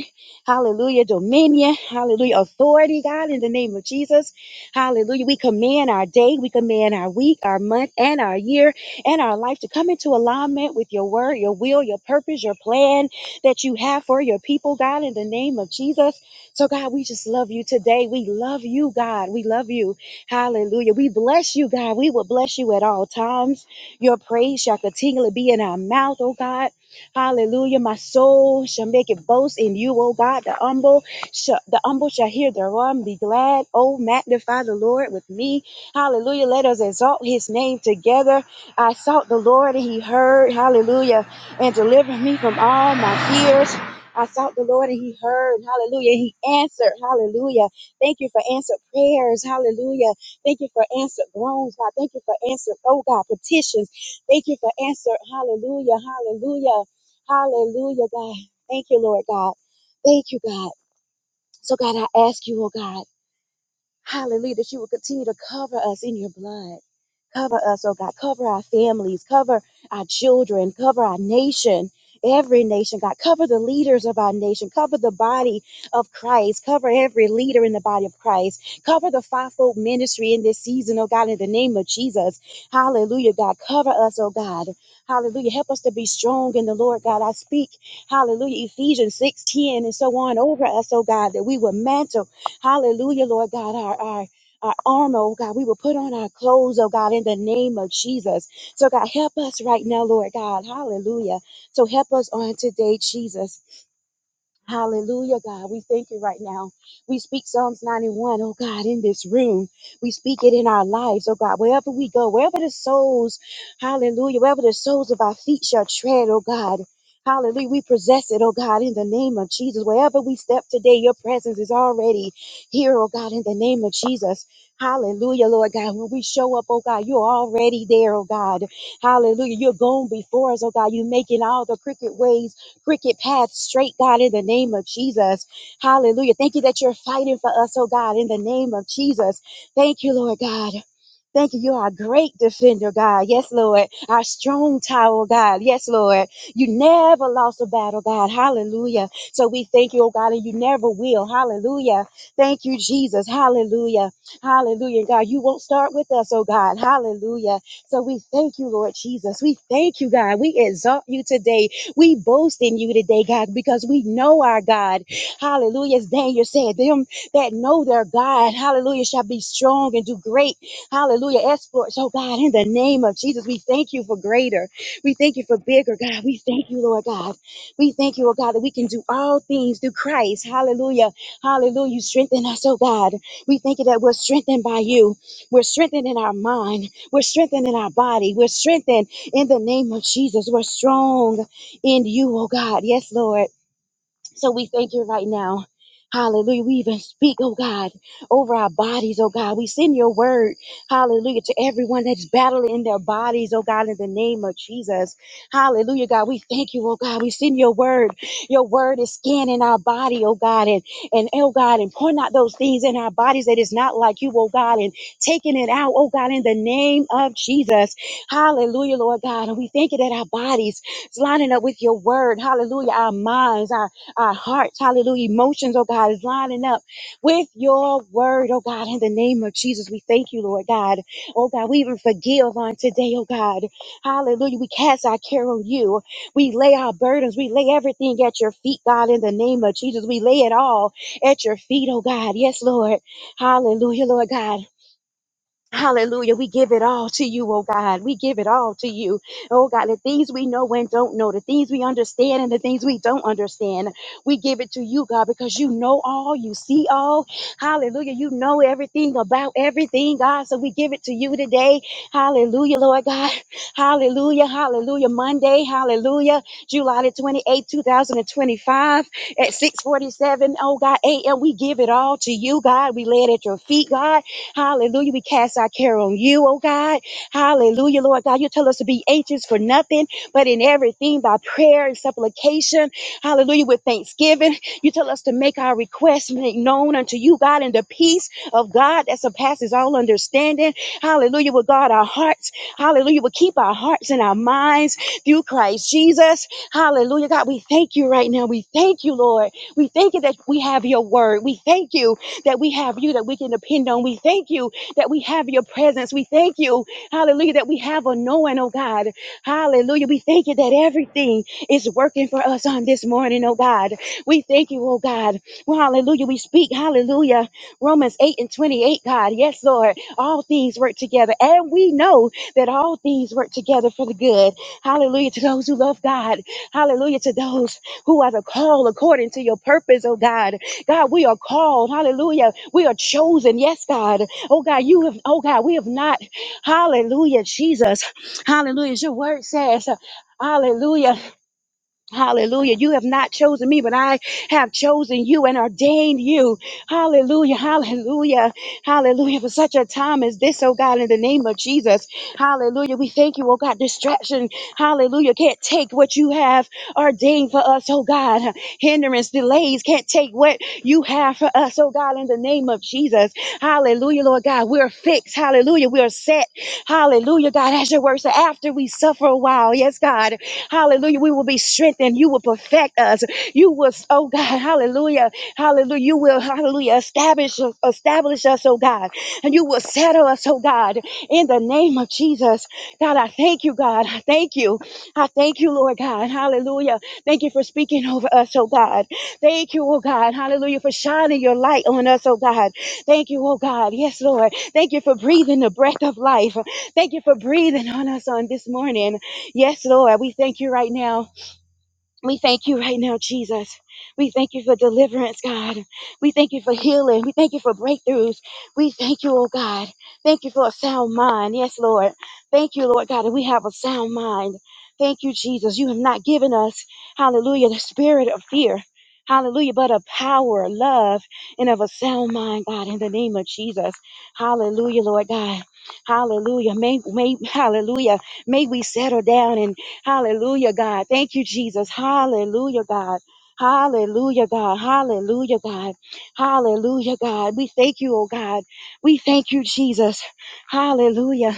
Speaker 5: Hallelujah, dominion. Hallelujah, authority, God, in the name of Jesus. Hallelujah. We command our day, we command our week, our month, and our year, and our life to come into alignment with your word, your will, your purpose, your plan that you have for your people, God, in the name of Jesus. So, God, we just love you today. We love you, God. We love you. Hallelujah. We bless you, God. We will bless you at all times. Your praise shall continually be in our mouth, oh God. Hallelujah. My soul shall make it boast in you, oh God. The humble shall, the humble shall hear thereof and be glad. Oh, magnify the Lord with me. Hallelujah. Let us exalt his name together. I sought the Lord and he heard. Hallelujah. And delivered me from all my fears. I sought the Lord and he heard. Hallelujah. And He answered. Hallelujah. Thank you for answered prayers. Hallelujah. Thank you for answered groans, God. Thank you for answered, oh God, petitions. Thank you for answer. Hallelujah. Hallelujah. Hallelujah, God. Thank you, Lord God. Thank you, God. So, God, I ask you, oh God, hallelujah, that you will continue to cover us in your blood. Cover us, oh God. Cover our families. Cover our children. Cover our nation. Every nation, God. Cover the leaders of our nation. Cover the body of Christ. Cover every leader in the body of Christ. Cover the fivefold ministry in this season, oh God, in the name of Jesus. Hallelujah, God. Cover us, oh God. Hallelujah. Help us to be strong in the Lord, God. I speak, hallelujah, Ephesians 6 10 and so on over us, oh God, that we will mantle, hallelujah, Lord God, our, our our armor, oh God. We will put on our clothes, oh God, in the name of Jesus. So, God, help us right now, Lord God. Hallelujah. So, help us on today, Jesus. Hallelujah, God. We thank you right now. We speak Psalms 91, oh God, in this room. We speak it in our lives, oh God, wherever we go, wherever the souls, hallelujah, wherever the soles of our feet shall tread, oh God. Hallelujah. We possess it, oh God, in the name of Jesus. Wherever we step today, your presence is already here, oh God, in the name of Jesus. Hallelujah, Lord God. When we show up, oh God, you're already there, oh God. Hallelujah. You're going before us, oh God. You're making all the crooked ways cricket path straight, God, in the name of Jesus. Hallelujah. Thank you that you're fighting for us, oh God, in the name of Jesus. Thank you, Lord God. Thank you. You're our great defender, God. Yes, Lord. Our strong tower, God. Yes, Lord. You never lost a battle, God. Hallelujah. So we thank you, oh God, and you never will. Hallelujah. Thank you, Jesus. Hallelujah. Hallelujah. God, you won't start with us, oh God. Hallelujah. So we thank you, Lord Jesus. We thank you, God. We exalt you today. We boast in you today, God, because we know our God. Hallelujah. As Daniel said, them that know their God, hallelujah, shall be strong and do great Hallelujah. Exploits, oh God, in the name of Jesus, we thank you for greater. We thank you for bigger, God. We thank you, Lord God. We thank you, oh God, that we can do all things through Christ. Hallelujah. Hallelujah. You strengthen us, oh God. We thank you that we're strengthened by you. We're strengthened in our mind. We're strengthened in our body. We're strengthened in the name of Jesus. We're strong in you, oh God. Yes, Lord. So we thank you right now. Hallelujah. We even speak, oh God, over our bodies, oh God. We send your word, hallelujah, to everyone that's battling in their bodies, oh God, in the name of Jesus. Hallelujah, God. We thank you, oh God. We send your word. Your word is scanning our body, oh God, and, and oh God, and pointing out those things in our bodies that is not like you, oh God, and taking it out, oh God, in the name of Jesus. Hallelujah, Lord God. And we thank you that our bodies is lining up with your word. Hallelujah. Our minds, our our hearts, hallelujah, emotions, oh God, is lining up with your word, oh God, in the name of Jesus. We thank you, Lord God. Oh God, we even forgive on today, oh God. Hallelujah. We cast our care on you. We lay our burdens. We lay everything at your feet, God, in the name of Jesus. We lay it all at your feet, oh God. Yes, Lord. Hallelujah, Lord God. Hallelujah. We give it all to you, oh God. We give it all to you. Oh God, the things we know and don't know, the things we understand and the things we don't understand, we give it to you, God, because you know all, you see all. Hallelujah. You know everything about everything, God. So we give it to you today. Hallelujah, Lord God. Hallelujah. Hallelujah. Monday. Hallelujah. July the 28th, 2025 at 647. Oh God, AM. We give it all to you, God. We lay it at your feet, God. Hallelujah. We cast our care on you, oh God. Hallelujah, Lord God. You tell us to be anxious for nothing, but in everything by prayer and supplication. Hallelujah, with thanksgiving. You tell us to make our requests make known unto you, God, and the peace of God that surpasses all understanding. Hallelujah, will guard our hearts. Hallelujah, will keep our hearts and our minds through Christ Jesus. Hallelujah, God. We thank you right now. We thank you, Lord. We thank you that we have your word. We thank you that we have you that we can depend on. We thank you that we have your presence. We thank you, hallelujah, that we have a knowing, oh God. Hallelujah. We thank you that everything is working for us on this morning, oh God. We thank you, oh God. Well, hallelujah. We speak, hallelujah. Romans 8 and 28, God. Yes, Lord. All things work together. And we know that all things work together for the good. Hallelujah. To those who love God. Hallelujah. To those who are the call according to your purpose, oh God. God, we are called. Hallelujah. We are chosen. Yes, God. Oh, God, you have, oh, God, we have not. Hallelujah, Jesus. Hallelujah. Your word says, Hallelujah. Hallelujah. You have not chosen me, but I have chosen you and ordained you. Hallelujah. Hallelujah. Hallelujah. For such a time as this, oh God, in the name of Jesus. Hallelujah. We thank you, oh God. Distraction. Hallelujah. Can't take what you have ordained for us, oh God. Hindrance, delays can't take what you have for us, oh God, in the name of Jesus. Hallelujah, Lord God. We're fixed. Hallelujah. We are set. Hallelujah, God. As your word said, after we suffer a while, yes, God. Hallelujah. We will be strengthened. You will perfect us. You will, oh God, hallelujah. Hallelujah. You will, hallelujah, establish, establish us, oh God. And you will settle us, oh God, in the name of Jesus. God, I thank you, God. I thank you. I thank you, Lord God. Hallelujah. Thank you for speaking over us, oh God. Thank you, oh God. Hallelujah. For shining your light on us, oh God. Thank you, oh God. Yes, Lord. Thank you for breathing the breath of life. Thank you for breathing on us on this morning. Yes, Lord, we thank you right now. We thank you right now, Jesus. We thank you for deliverance, God. We thank you for healing. We thank you for breakthroughs. We thank you, oh God. Thank you for a sound mind. Yes, Lord. Thank you, Lord God, that we have a sound mind. Thank you, Jesus. You have not given us, hallelujah, the spirit of fear. Hallelujah, but of power, love, and of a sound mind, God, in the name of Jesus. Hallelujah, Lord God. Hallelujah. May, may, hallelujah. May we settle down in Hallelujah, God. Thank you, Jesus. Hallelujah, God. Hallelujah, God. Hallelujah, God. Hallelujah, God. We thank you, oh God. We thank you, Jesus. Hallelujah.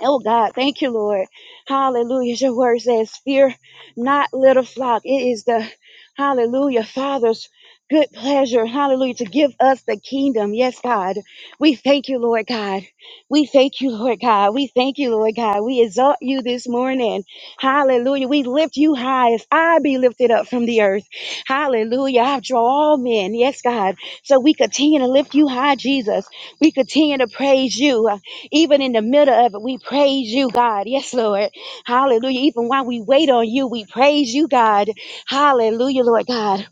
Speaker 5: Oh God, thank you, Lord. Hallelujah. Your word says, Fear not, little flock. It is the hallelujah, Father's good pleasure, hallelujah, to give us the kingdom. Yes, God. We thank you, Lord God. We thank you, Lord God. We thank you, Lord God. We exalt you this morning. Hallelujah. We lift you high as I be lifted up from the earth. Hallelujah. I draw all men. Yes, God. So we continue to lift you high, Jesus. We continue to praise you. Even in the middle of it, we praise you, God. Yes, Lord. Hallelujah. Even while we wait on you, we praise you, God. Hallelujah, Lord God.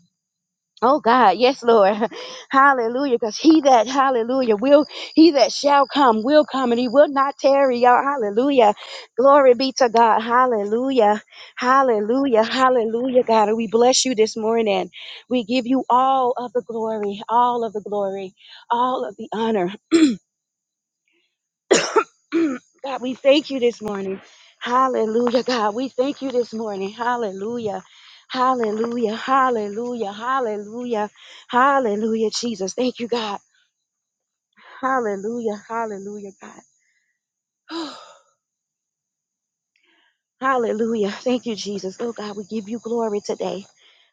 Speaker 5: Oh God, yes, Lord. Hallelujah. Because he that, hallelujah, will, he that shall come will come and he will not tarry, y'all. Hallelujah. Glory be to God. Hallelujah. Hallelujah. Hallelujah, God. And we bless you this morning. We give you all of the glory, all of the glory, all of the honor. God, we thank you this morning. Hallelujah, God. We thank you this morning. Hallelujah. Hallelujah. Hallelujah. Hallelujah. Hallelujah, Jesus. Thank you, God. Hallelujah. Hallelujah, God. Hallelujah. Thank you, Jesus. Oh, God, we give you glory today.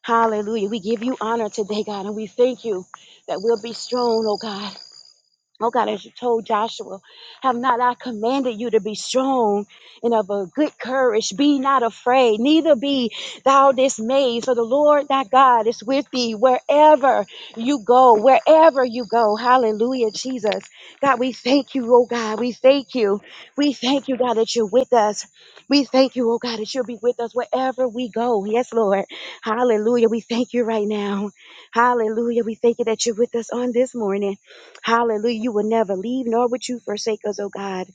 Speaker 5: Hallelujah. We give you honor today, God, and we thank you that we'll be strong, oh God. Oh God, as you told Joshua, have not I commanded you to be strong and of a good courage? Be not afraid, neither be thou dismayed, for the Lord thy God is with thee wherever you go, wherever you go. Hallelujah, Jesus. God, we thank you, oh God. We thank you. We thank you, God, that you're with us. We thank you, oh God, that you'll be with us wherever we go. Yes, Lord. Hallelujah. We thank you right now. Hallelujah. We thank you that you're with us on this morning. Hallelujah. You will never leave, nor would you forsake us, oh God.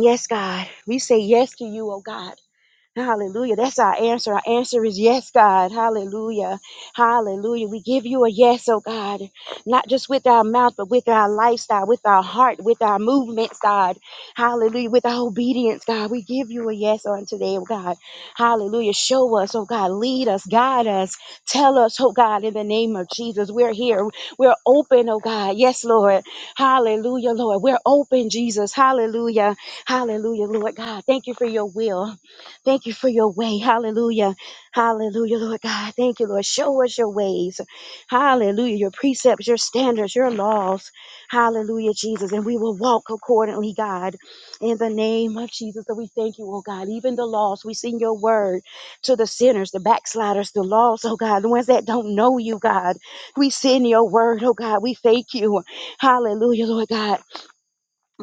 Speaker 5: Yes, God. We say yes to you, oh God. Hallelujah. That's our answer. Our answer is yes, God. Hallelujah. Hallelujah. We give you a yes, oh God. Not just with our mouth, but with our lifestyle, with our heart, with our movements, God. Hallelujah. With our obedience, God. We give you a yes on today, oh God. Hallelujah. Show us, oh God. Lead us, guide us. Tell us, oh God, in the name of Jesus. We're here. We're open, oh God. Yes, Lord. Hallelujah, Lord. We're open, Jesus. Hallelujah. Hallelujah, Lord God. Thank you for your will. Thank you for your way. Hallelujah. Hallelujah, Lord God. Thank you, Lord. Show us your ways. Hallelujah. Your precepts, your standards, your laws. Hallelujah, Jesus. And we will walk accordingly, God. In the name of Jesus. So we thank you, oh God. Even the lost, we sing your word to the sinners, the backsliders, the lost, oh God, the ones that don't know you, God. We send your word, oh God. We thank you. Hallelujah, Lord God.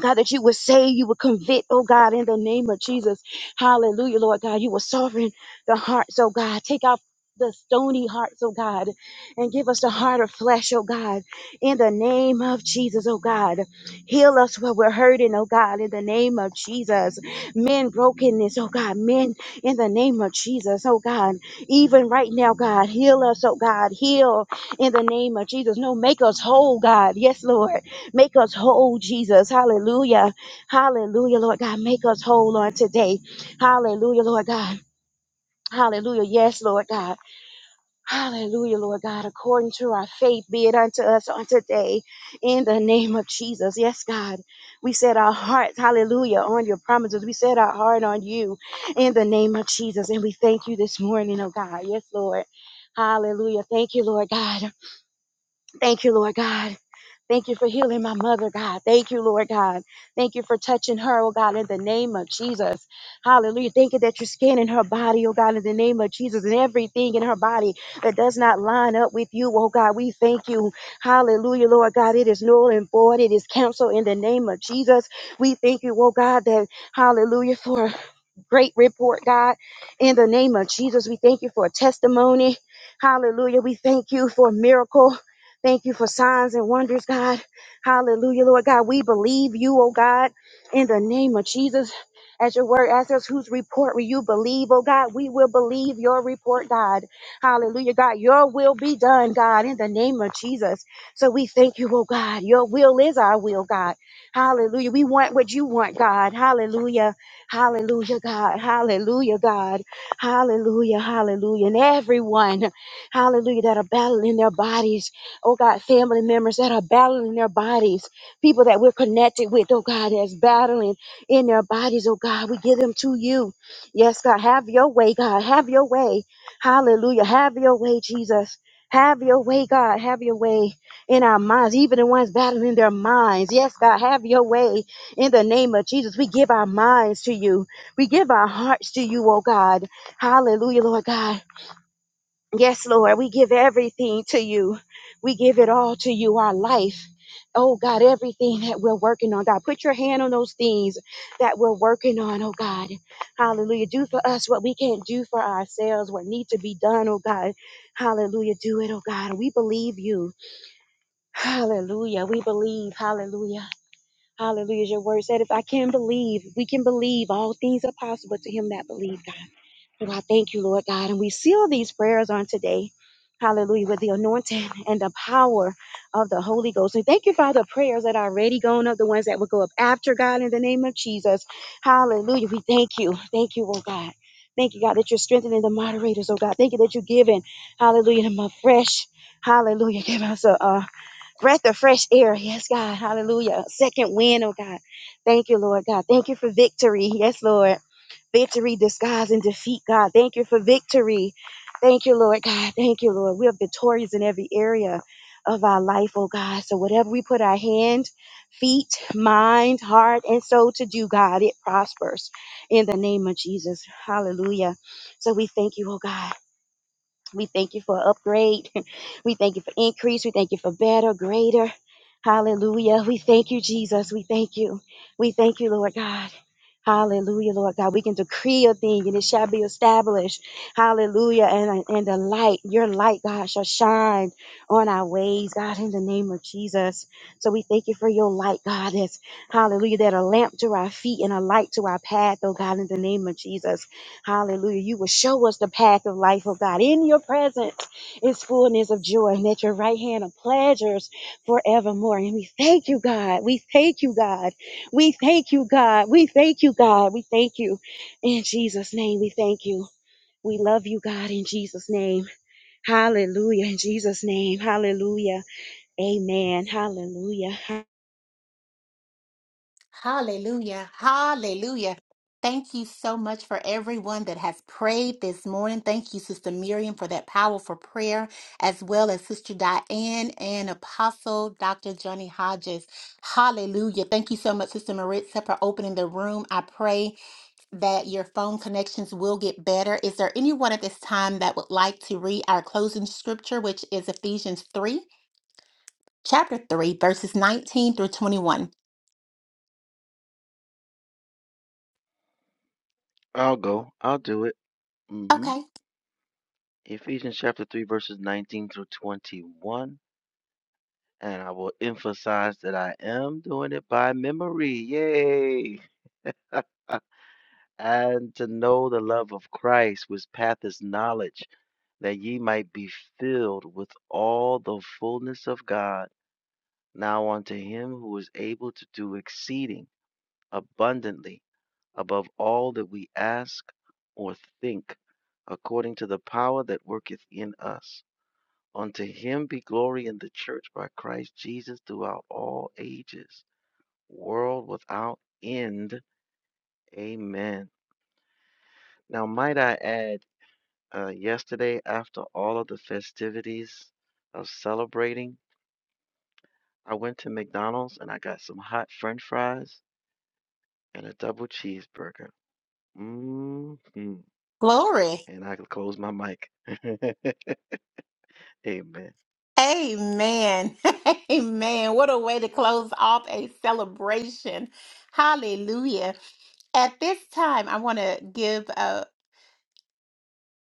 Speaker 5: God, that you would save, you would convict, oh God, in the name of Jesus. Hallelujah, Lord God. You will soften the hearts, oh God. Take out the stony hearts, oh God, and give us the heart of flesh, oh God, in the name of Jesus, oh God. Heal us where we're hurting, oh God, in the name of Jesus. Men brokenness, oh God, men in the name of Jesus, oh God. Even right now, God, heal us, oh God, heal in the name of Jesus. No, make us whole, God. Yes, Lord. Make us whole, Jesus. Hallelujah. Hallelujah, Lord God. Make us whole on today. Hallelujah, Lord God. Hallelujah. Yes, Lord God. Hallelujah, Lord God. According to our faith, be it unto us on today in the name of Jesus. Yes, God. We set our hearts, hallelujah, on your promises. We set our heart on you in the name of Jesus. And we thank you this morning, oh God. Yes, Lord. Hallelujah. Thank you, Lord God. Thank you, Lord God. Thank you for healing my mother, God. Thank you, Lord God. Thank you for touching her, oh God, in the name of Jesus. Hallelujah. Thank you that you're scanning her body, oh God, in the name of Jesus, and everything in her body that does not line up with you, oh God. We thank you. Hallelujah, Lord God. It is null and void. It is canceled in the name of Jesus. We thank you, oh God, that hallelujah for great report, God. In the name of Jesus, we thank you for a testimony. Hallelujah. We thank you for a miracle. Thank you for signs and wonders, God. Hallelujah, Lord God. We believe you, oh God, in the name of Jesus. As your word asks us, whose report will you believe, oh God? We will believe your report, God. Hallelujah, God. Your will be done, God, in the name of Jesus. So we thank you, oh God. Your will is our will, God. Hallelujah. We want what you want, God. Hallelujah. Hallelujah, God. Hallelujah, God. Hallelujah, hallelujah. And everyone, hallelujah, that are battling their bodies. Oh, God, family members that are battling their bodies. People that we're connected with, oh, God, that's battling in their bodies, oh, God. We give them to you. Yes, God. Have your way, God. Have your way. Hallelujah. Have your way, Jesus. Have your way, God. Have your way in our minds, even the ones battling their minds. Yes, God, have your way. In the name of Jesus, we give our minds to you. We give our hearts to you, oh God. Hallelujah, Lord God. Yes, Lord, we give everything to you. We give it all to you, our life. Oh God, everything that we're working on, God, put your hand on those things that we're working on, oh God. Hallelujah. Do for us what we can't do for ourselves, what needs to be done, oh God. Hallelujah. Do it, oh God. We believe you. Hallelujah. We believe. Hallelujah. Hallelujah. Your word said, if I can believe, we can believe all things are possible to him that believe, God. So I thank you, Lord God. And we seal these prayers on today. Hallelujah. With the anointing and the power of the Holy Ghost. And thank you Father, for prayers that are already going up, the ones that will go up after God in the name of Jesus. Hallelujah. We thank you. Thank you, oh God. Thank you, God, that you're strengthening the moderators, oh God. Thank you that you're giving, hallelujah, them a fresh, hallelujah, give us a, a breath of fresh air. Yes, God. Hallelujah. Second wind, oh God. Thank you, Lord God. Thank you for victory. Yes, Lord. Victory disguised in defeat, God. Thank you for victory. Thank you, Lord God. Thank you, Lord. We are victorious in every area of our life, oh God. So whatever we put our hand, feet, mind, heart, and soul to do, God, it prospers in the name of Jesus. Hallelujah. So we thank you, oh God. We thank you for upgrade. We thank you for increase. We thank you for better, greater. Hallelujah. We thank you, Jesus. We thank you. We thank you, Lord God. Hallelujah, Lord God. We can decree a thing and it shall be established. Hallelujah. And, and the light, your light, God, shall shine on our ways, God, in the name of Jesus. So we thank you for your light, God. That's hallelujah. That a lamp to our feet and a light to our path, oh God, in the name of Jesus. Hallelujah. You will show us the path of life, oh God. In your presence is fullness of joy, and at your right hand of pleasures forevermore. And we thank you, God. We thank you, God. We thank you, God. We thank you, God. We thank you. In Jesus' name, we thank you. We love you, God, in Jesus' name. Hallelujah. In Jesus' name. Hallelujah. Amen. Hallelujah.
Speaker 3: Hallelujah. Hallelujah. Thank you so much for everyone that has prayed this morning. Thank you, Sister Miriam, for that powerful prayer, as well as Sister Diane and Apostle Dr. Johnny Hodges. Hallelujah. Thank you so much, Sister Maritza, for opening the room. I pray that your phone connections will get better. Is there anyone at this time that would like to read our closing scripture, which is Ephesians 3, chapter 3, verses 19 through 21?
Speaker 4: I'll go. I'll do it. hmm
Speaker 3: Okay.
Speaker 4: Ephesians chapter 3, verses 19 through 21. And I will emphasize that I am doing it by memory. Yay! And to know the love of Christ, which patheth knowledge, that ye might be filled with all the fullness of God. Now unto him who is able to do exceeding abundantly above all that we ask or think, according to the power that worketh in us. Unto him be glory in the church by Christ Jesus throughout all ages world without end. Amen. Now, might I add, uh, yesterday, after all of the festivities of celebrating, I went to McDonald's and I got some hot French fries and a double cheeseburger. hmm
Speaker 3: Glory.
Speaker 4: And I could close my mic. Amen.
Speaker 3: Amen. Amen. What a way to close off a celebration. Hallelujah. At this time, I want to give a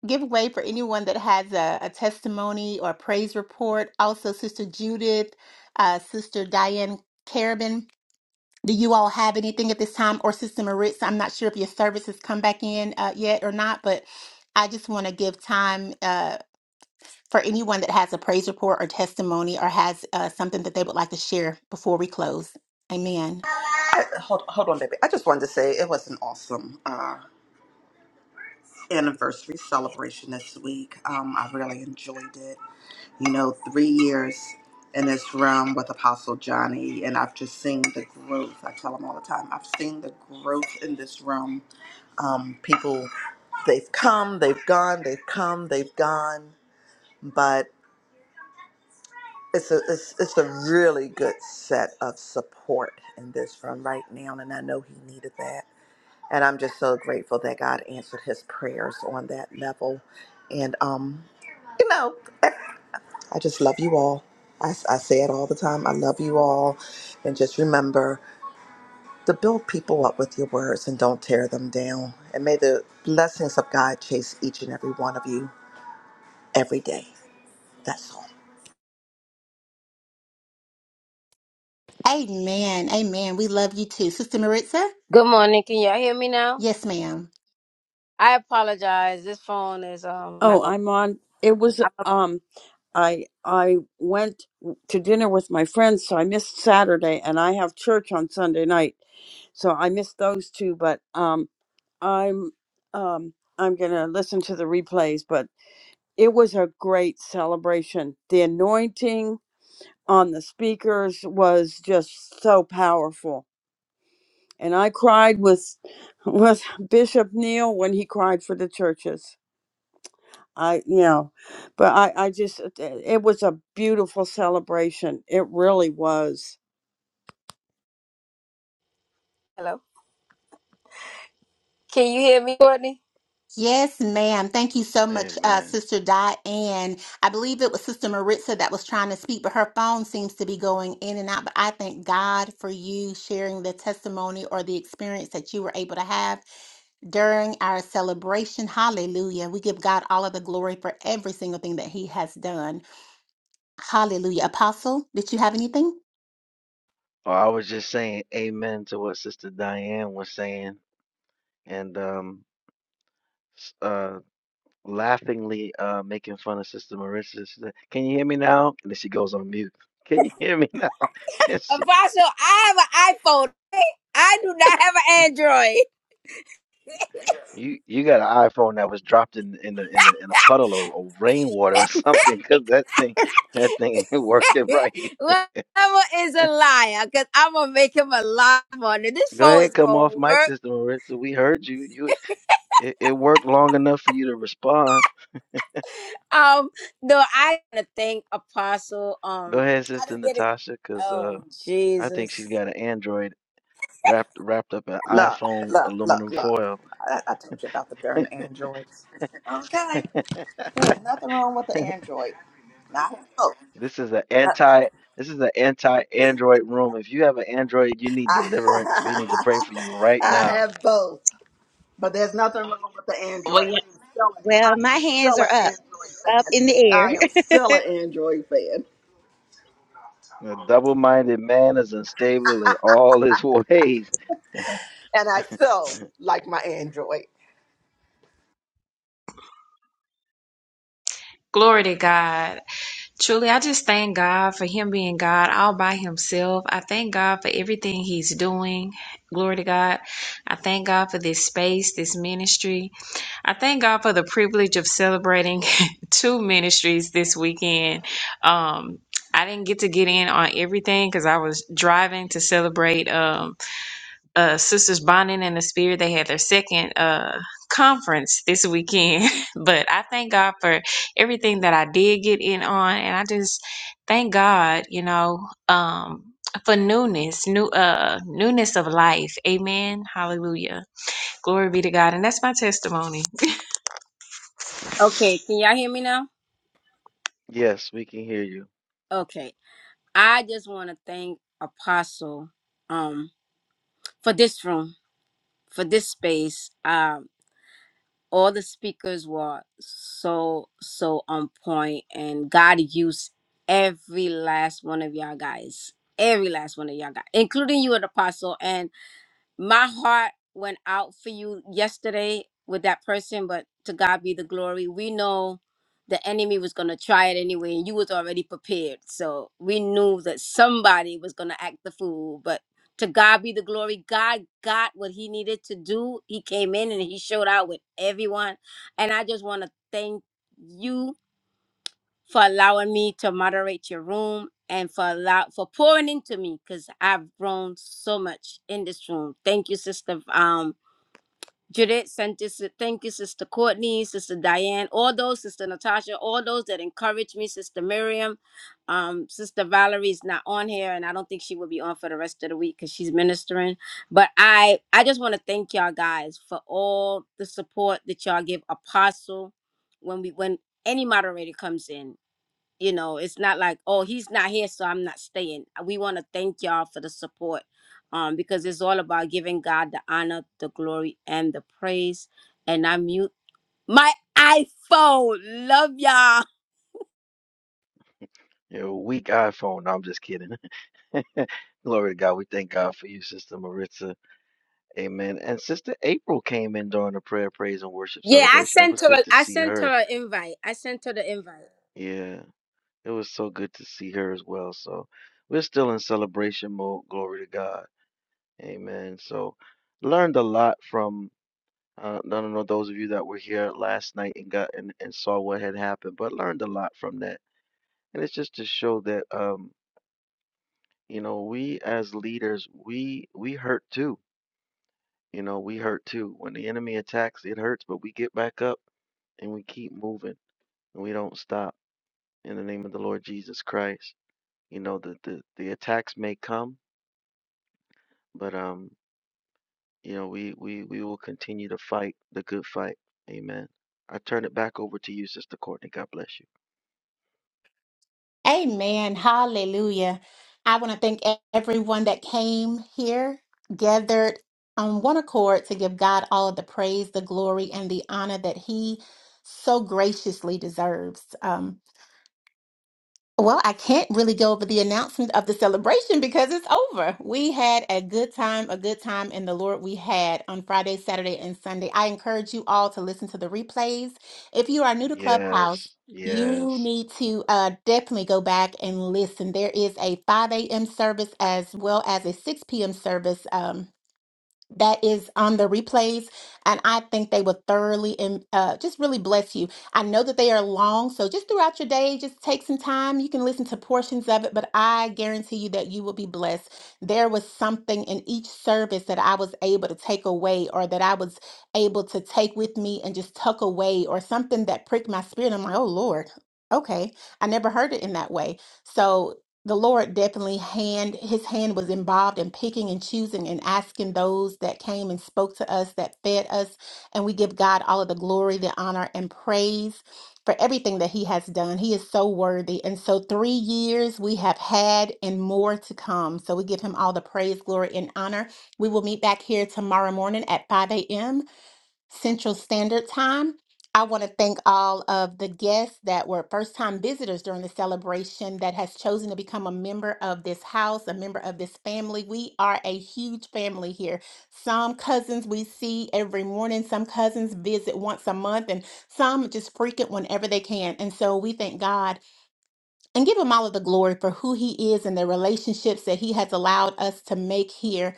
Speaker 3: give way for anyone that has a, a testimony or praise report. Also, Sister Judith, uh, Sister Diane Carabin. Do you all have anything at this time? Or Sister Maritza, I'm not sure if your service has come back in uh, yet or not, but I just want to give time. Uh, for anyone that has a praise report or testimony or has uh, something that they would like to share before we close. Amen.
Speaker 7: I, hold hold on, baby. I just wanted to say it was an awesome uh, anniversary celebration this week. Um, I really enjoyed it. You know, three years in this room with Apostle Johnny, and I've just seen the growth. I tell him all the time. I've seen the growth in this room. Um, people, they've come, they've gone, they've come, they've gone, but. It's a it's, it's a really good set of support in this room right now, and I know he needed that. and I'm just so grateful that God answered his prayers on that level. And um, you know, I just love you all. I, I say it all the time. I love you all, and just remember to build people up with your words and don't tear them down. And may the blessings of God chase each and every one of you every day. That's all.
Speaker 3: Amen. Amen. We love you too. Sister Maritza?
Speaker 1: Good morning. Can y'all hear me now?
Speaker 3: Yes, ma'am.
Speaker 1: I apologize. This phone is um not
Speaker 2: oh,
Speaker 1: gonna.
Speaker 2: I'm on. It was
Speaker 1: I'm not-
Speaker 2: um. I I went to dinner with my friends, so I missed Saturday, and I have church on Sunday night, so I missed those two. But um, I'm um, I'm gonna listen to the replays. But it was a great celebration. The anointing on the speakers was just so powerful And I cried with with Bishop Neal when he cried for the churches. I you know, but I I just it was a beautiful celebration. It really was.
Speaker 1: hello. Can you hear me, Courtney?
Speaker 3: Yes, ma'am. Thank you so much, uh,
Speaker 4: Amen.
Speaker 3: Sister Diane. I believe it was Sister Maritza that was trying to speak, but her phone seems to be going in and out. But I thank God for you sharing the testimony or the experience that you were able to have during our celebration. Hallelujah. We give God all of the glory for every single thing that He has done. Hallelujah. Apostle, did you have anything?
Speaker 4: Oh, I was just saying amen to what Sister Diane was saying. And um, s- uh. laughingly uh, making fun of Sister Marissa. She said, Can you hear me now? And then she goes on mute. Can you hear me now? And she,
Speaker 1: Apostle, I have an iPhone. okay? I do not have an Android.
Speaker 4: you you got an iPhone that was dropped in in the in the in a puddle or, or rainwater or something because that thing that thing ain't working right.
Speaker 1: Whoever is a liar, cause I'm gonna make him a liar on it. This
Speaker 4: Go
Speaker 1: phone
Speaker 4: ahead,
Speaker 1: is
Speaker 4: come
Speaker 1: gonna
Speaker 4: off mic,
Speaker 1: work.
Speaker 4: Sister Marissa. We heard you. You it, it worked long enough for you to respond.
Speaker 1: Um, no, I wanna thank Apostle.
Speaker 4: Go
Speaker 1: Um,
Speaker 4: ahead,
Speaker 1: I
Speaker 4: Sister
Speaker 1: didn't get it.
Speaker 4: Natasha, because uh,
Speaker 1: Oh
Speaker 4: I think she's
Speaker 1: Jesus.
Speaker 4: got an Android wrapped wrapped up in
Speaker 7: Look,
Speaker 4: iPhone
Speaker 7: look, look,
Speaker 4: aluminum
Speaker 7: look.
Speaker 4: foil.
Speaker 7: I, I told you about the darn androids. Okay, there's nothing wrong with the android. Not a hope.
Speaker 4: This is an anti this is an anti Android room. If you have an Android, you need
Speaker 7: I,
Speaker 4: deliverance. We need to pray for you right
Speaker 7: I
Speaker 4: now.
Speaker 7: have both, but there's nothing wrong with the
Speaker 8: Well,
Speaker 7: Android.
Speaker 8: yeah.
Speaker 7: I am still, I
Speaker 5: Well, my
Speaker 7: am
Speaker 5: hands
Speaker 7: still an
Speaker 5: are up,
Speaker 7: Android fan.
Speaker 5: up in the air.
Speaker 7: I am still an Android fan,
Speaker 4: A double minded man is unstable in all his ways.
Speaker 7: and I still like my Android.
Speaker 8: Glory to God. Truly, I just thank God for Him being God all by Himself. I thank God for everything He's doing. Glory to God. I thank God for this space, this ministry. I thank God for the privilege of celebrating two ministries this weekend. Um, I didn't get to get in on everything because I was driving to celebrate. Um. uh, Sisters Bonding in the Spirit. They had their second uh, conference this weekend. but I thank God for everything that I did get in on. And I just thank God, you know, um, for newness, new uh, newness of life. Amen. Hallelujah. Glory be to God. And that's my testimony.
Speaker 1: Okay, can y'all hear me now?
Speaker 4: Yes, we can hear you.
Speaker 1: Okay, I just wanna thank Apostle. Um, for this room. for this space. Um, all the speakers were so so on point, and God used every last one of y'all guys, every last one of y'all guys, including you, an Apostle. And my heart went out for you yesterday with that person but to god be the glory we know the enemy was going to try it anyway and you was already prepared so we knew that somebody was going to act the fool but to god be the glory god got what he needed to do he came in and he showed out with everyone and i just want to thank you for allowing me to moderate your room and for allow for pouring into me because I've grown so much in this room. Thank you, Sister um Judith. Sent this, thank you, Sister Courtney, Sister Diane, all those, Sister Natasha, all those that encourage me, Sister Miriam. Um, Sister Valerie's not on here, and I don't think she will be on for the rest of the week because she's ministering. But I I just want to thank y'all guys for all the support that y'all give Apostle when we when any moderator comes in you know it's not like oh he's not here so i'm not staying we want to thank y'all for the support um because it's all about giving god the honor the glory and the praise and i mute my iphone love y'all
Speaker 4: You're a weak iPhone. No, I'm just kidding. Glory to God. We thank God for you, Sister Maritza. Amen. And Sister April came in during the prayer, praise, and worship
Speaker 1: yeah i
Speaker 4: celebration. It
Speaker 1: sent
Speaker 4: was
Speaker 1: her
Speaker 4: good
Speaker 1: I
Speaker 4: to see
Speaker 1: sent
Speaker 4: her.
Speaker 1: her an invite i sent her the invite
Speaker 4: Yeah, it was so good to see her as well. So we're still in celebration mode. Glory to God. Amen. So learned a lot from uh, I don't know those of you that were here last night and got and, and saw what had happened, but learned a lot from that. And it's just to show that um, you know, we as leaders, we we hurt too. You know, we hurt too. When the enemy attacks, it hurts, but we get back up and we keep moving and we don't stop in the name of the Lord Jesus Christ. You know, the the, the attacks may come, but um You know, we we we will continue to fight the good fight. Amen. I turn it back over to you, Sister Courtney. God bless you.
Speaker 3: Amen. Hallelujah. I want to thank e- everyone that came here, gathered on one accord to give God all of the praise, the glory, and the honor that He so graciously deserves. Um, Well, I can't really go over the announcement of the celebration because it's over. We had a good time, a good time in the Lord we had on Friday, Saturday, and Sunday. I encourage you all to listen to the replays. If you are new to Clubhouse,
Speaker 4: Yes,
Speaker 3: you
Speaker 4: yes.
Speaker 3: need to uh, definitely go back and listen. There is a 5 a.m. service as well as a 6 p.m. service. Um, that is on the replays, and I think they will thoroughly and uh, just really bless you. I know that they are long, so just throughout your day, just take some time. You can listen to portions of it, but I guarantee you that you will be blessed. There was something in each service that I was able to take away, or that I was able to take with me and just tuck away, or something that pricked my spirit. I'm like, oh Lord. Okay, I never heard it in that way. So the Lord definitely hand his hand was involved in picking and choosing and asking those that came and spoke to us that fed us and we give God all of the glory, the honor and praise for everything that he has done. He is so worthy. And so 3 years we have had and more to come. So we give him all the praise, glory and honor. We will meet back here tomorrow morning at 5 a.m. Central Standard Time. I want to thank all of the guests that were first time visitors during the celebration that has chosen to become a member of this house, a member of this family. We are a huge family here. Some cousins we see every morning, some cousins visit once a month, and some just frequent whenever they can. And so we thank God and give Him all of the glory for who He is and the relationships that He has allowed us to make here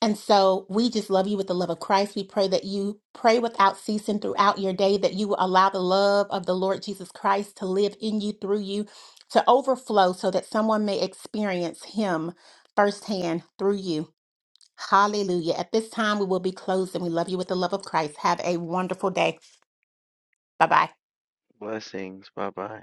Speaker 3: and so we just love you with the love of Christ. We pray that you pray without ceasing throughout your day, that you will allow the love of the Lord Jesus Christ to live in you, through you, to overflow so that someone may experience Him firsthand through you. Hallelujah. At this time, we will be closed and we love you with the love of Christ. Have a wonderful day. Bye bye.
Speaker 4: Blessings. Bye bye.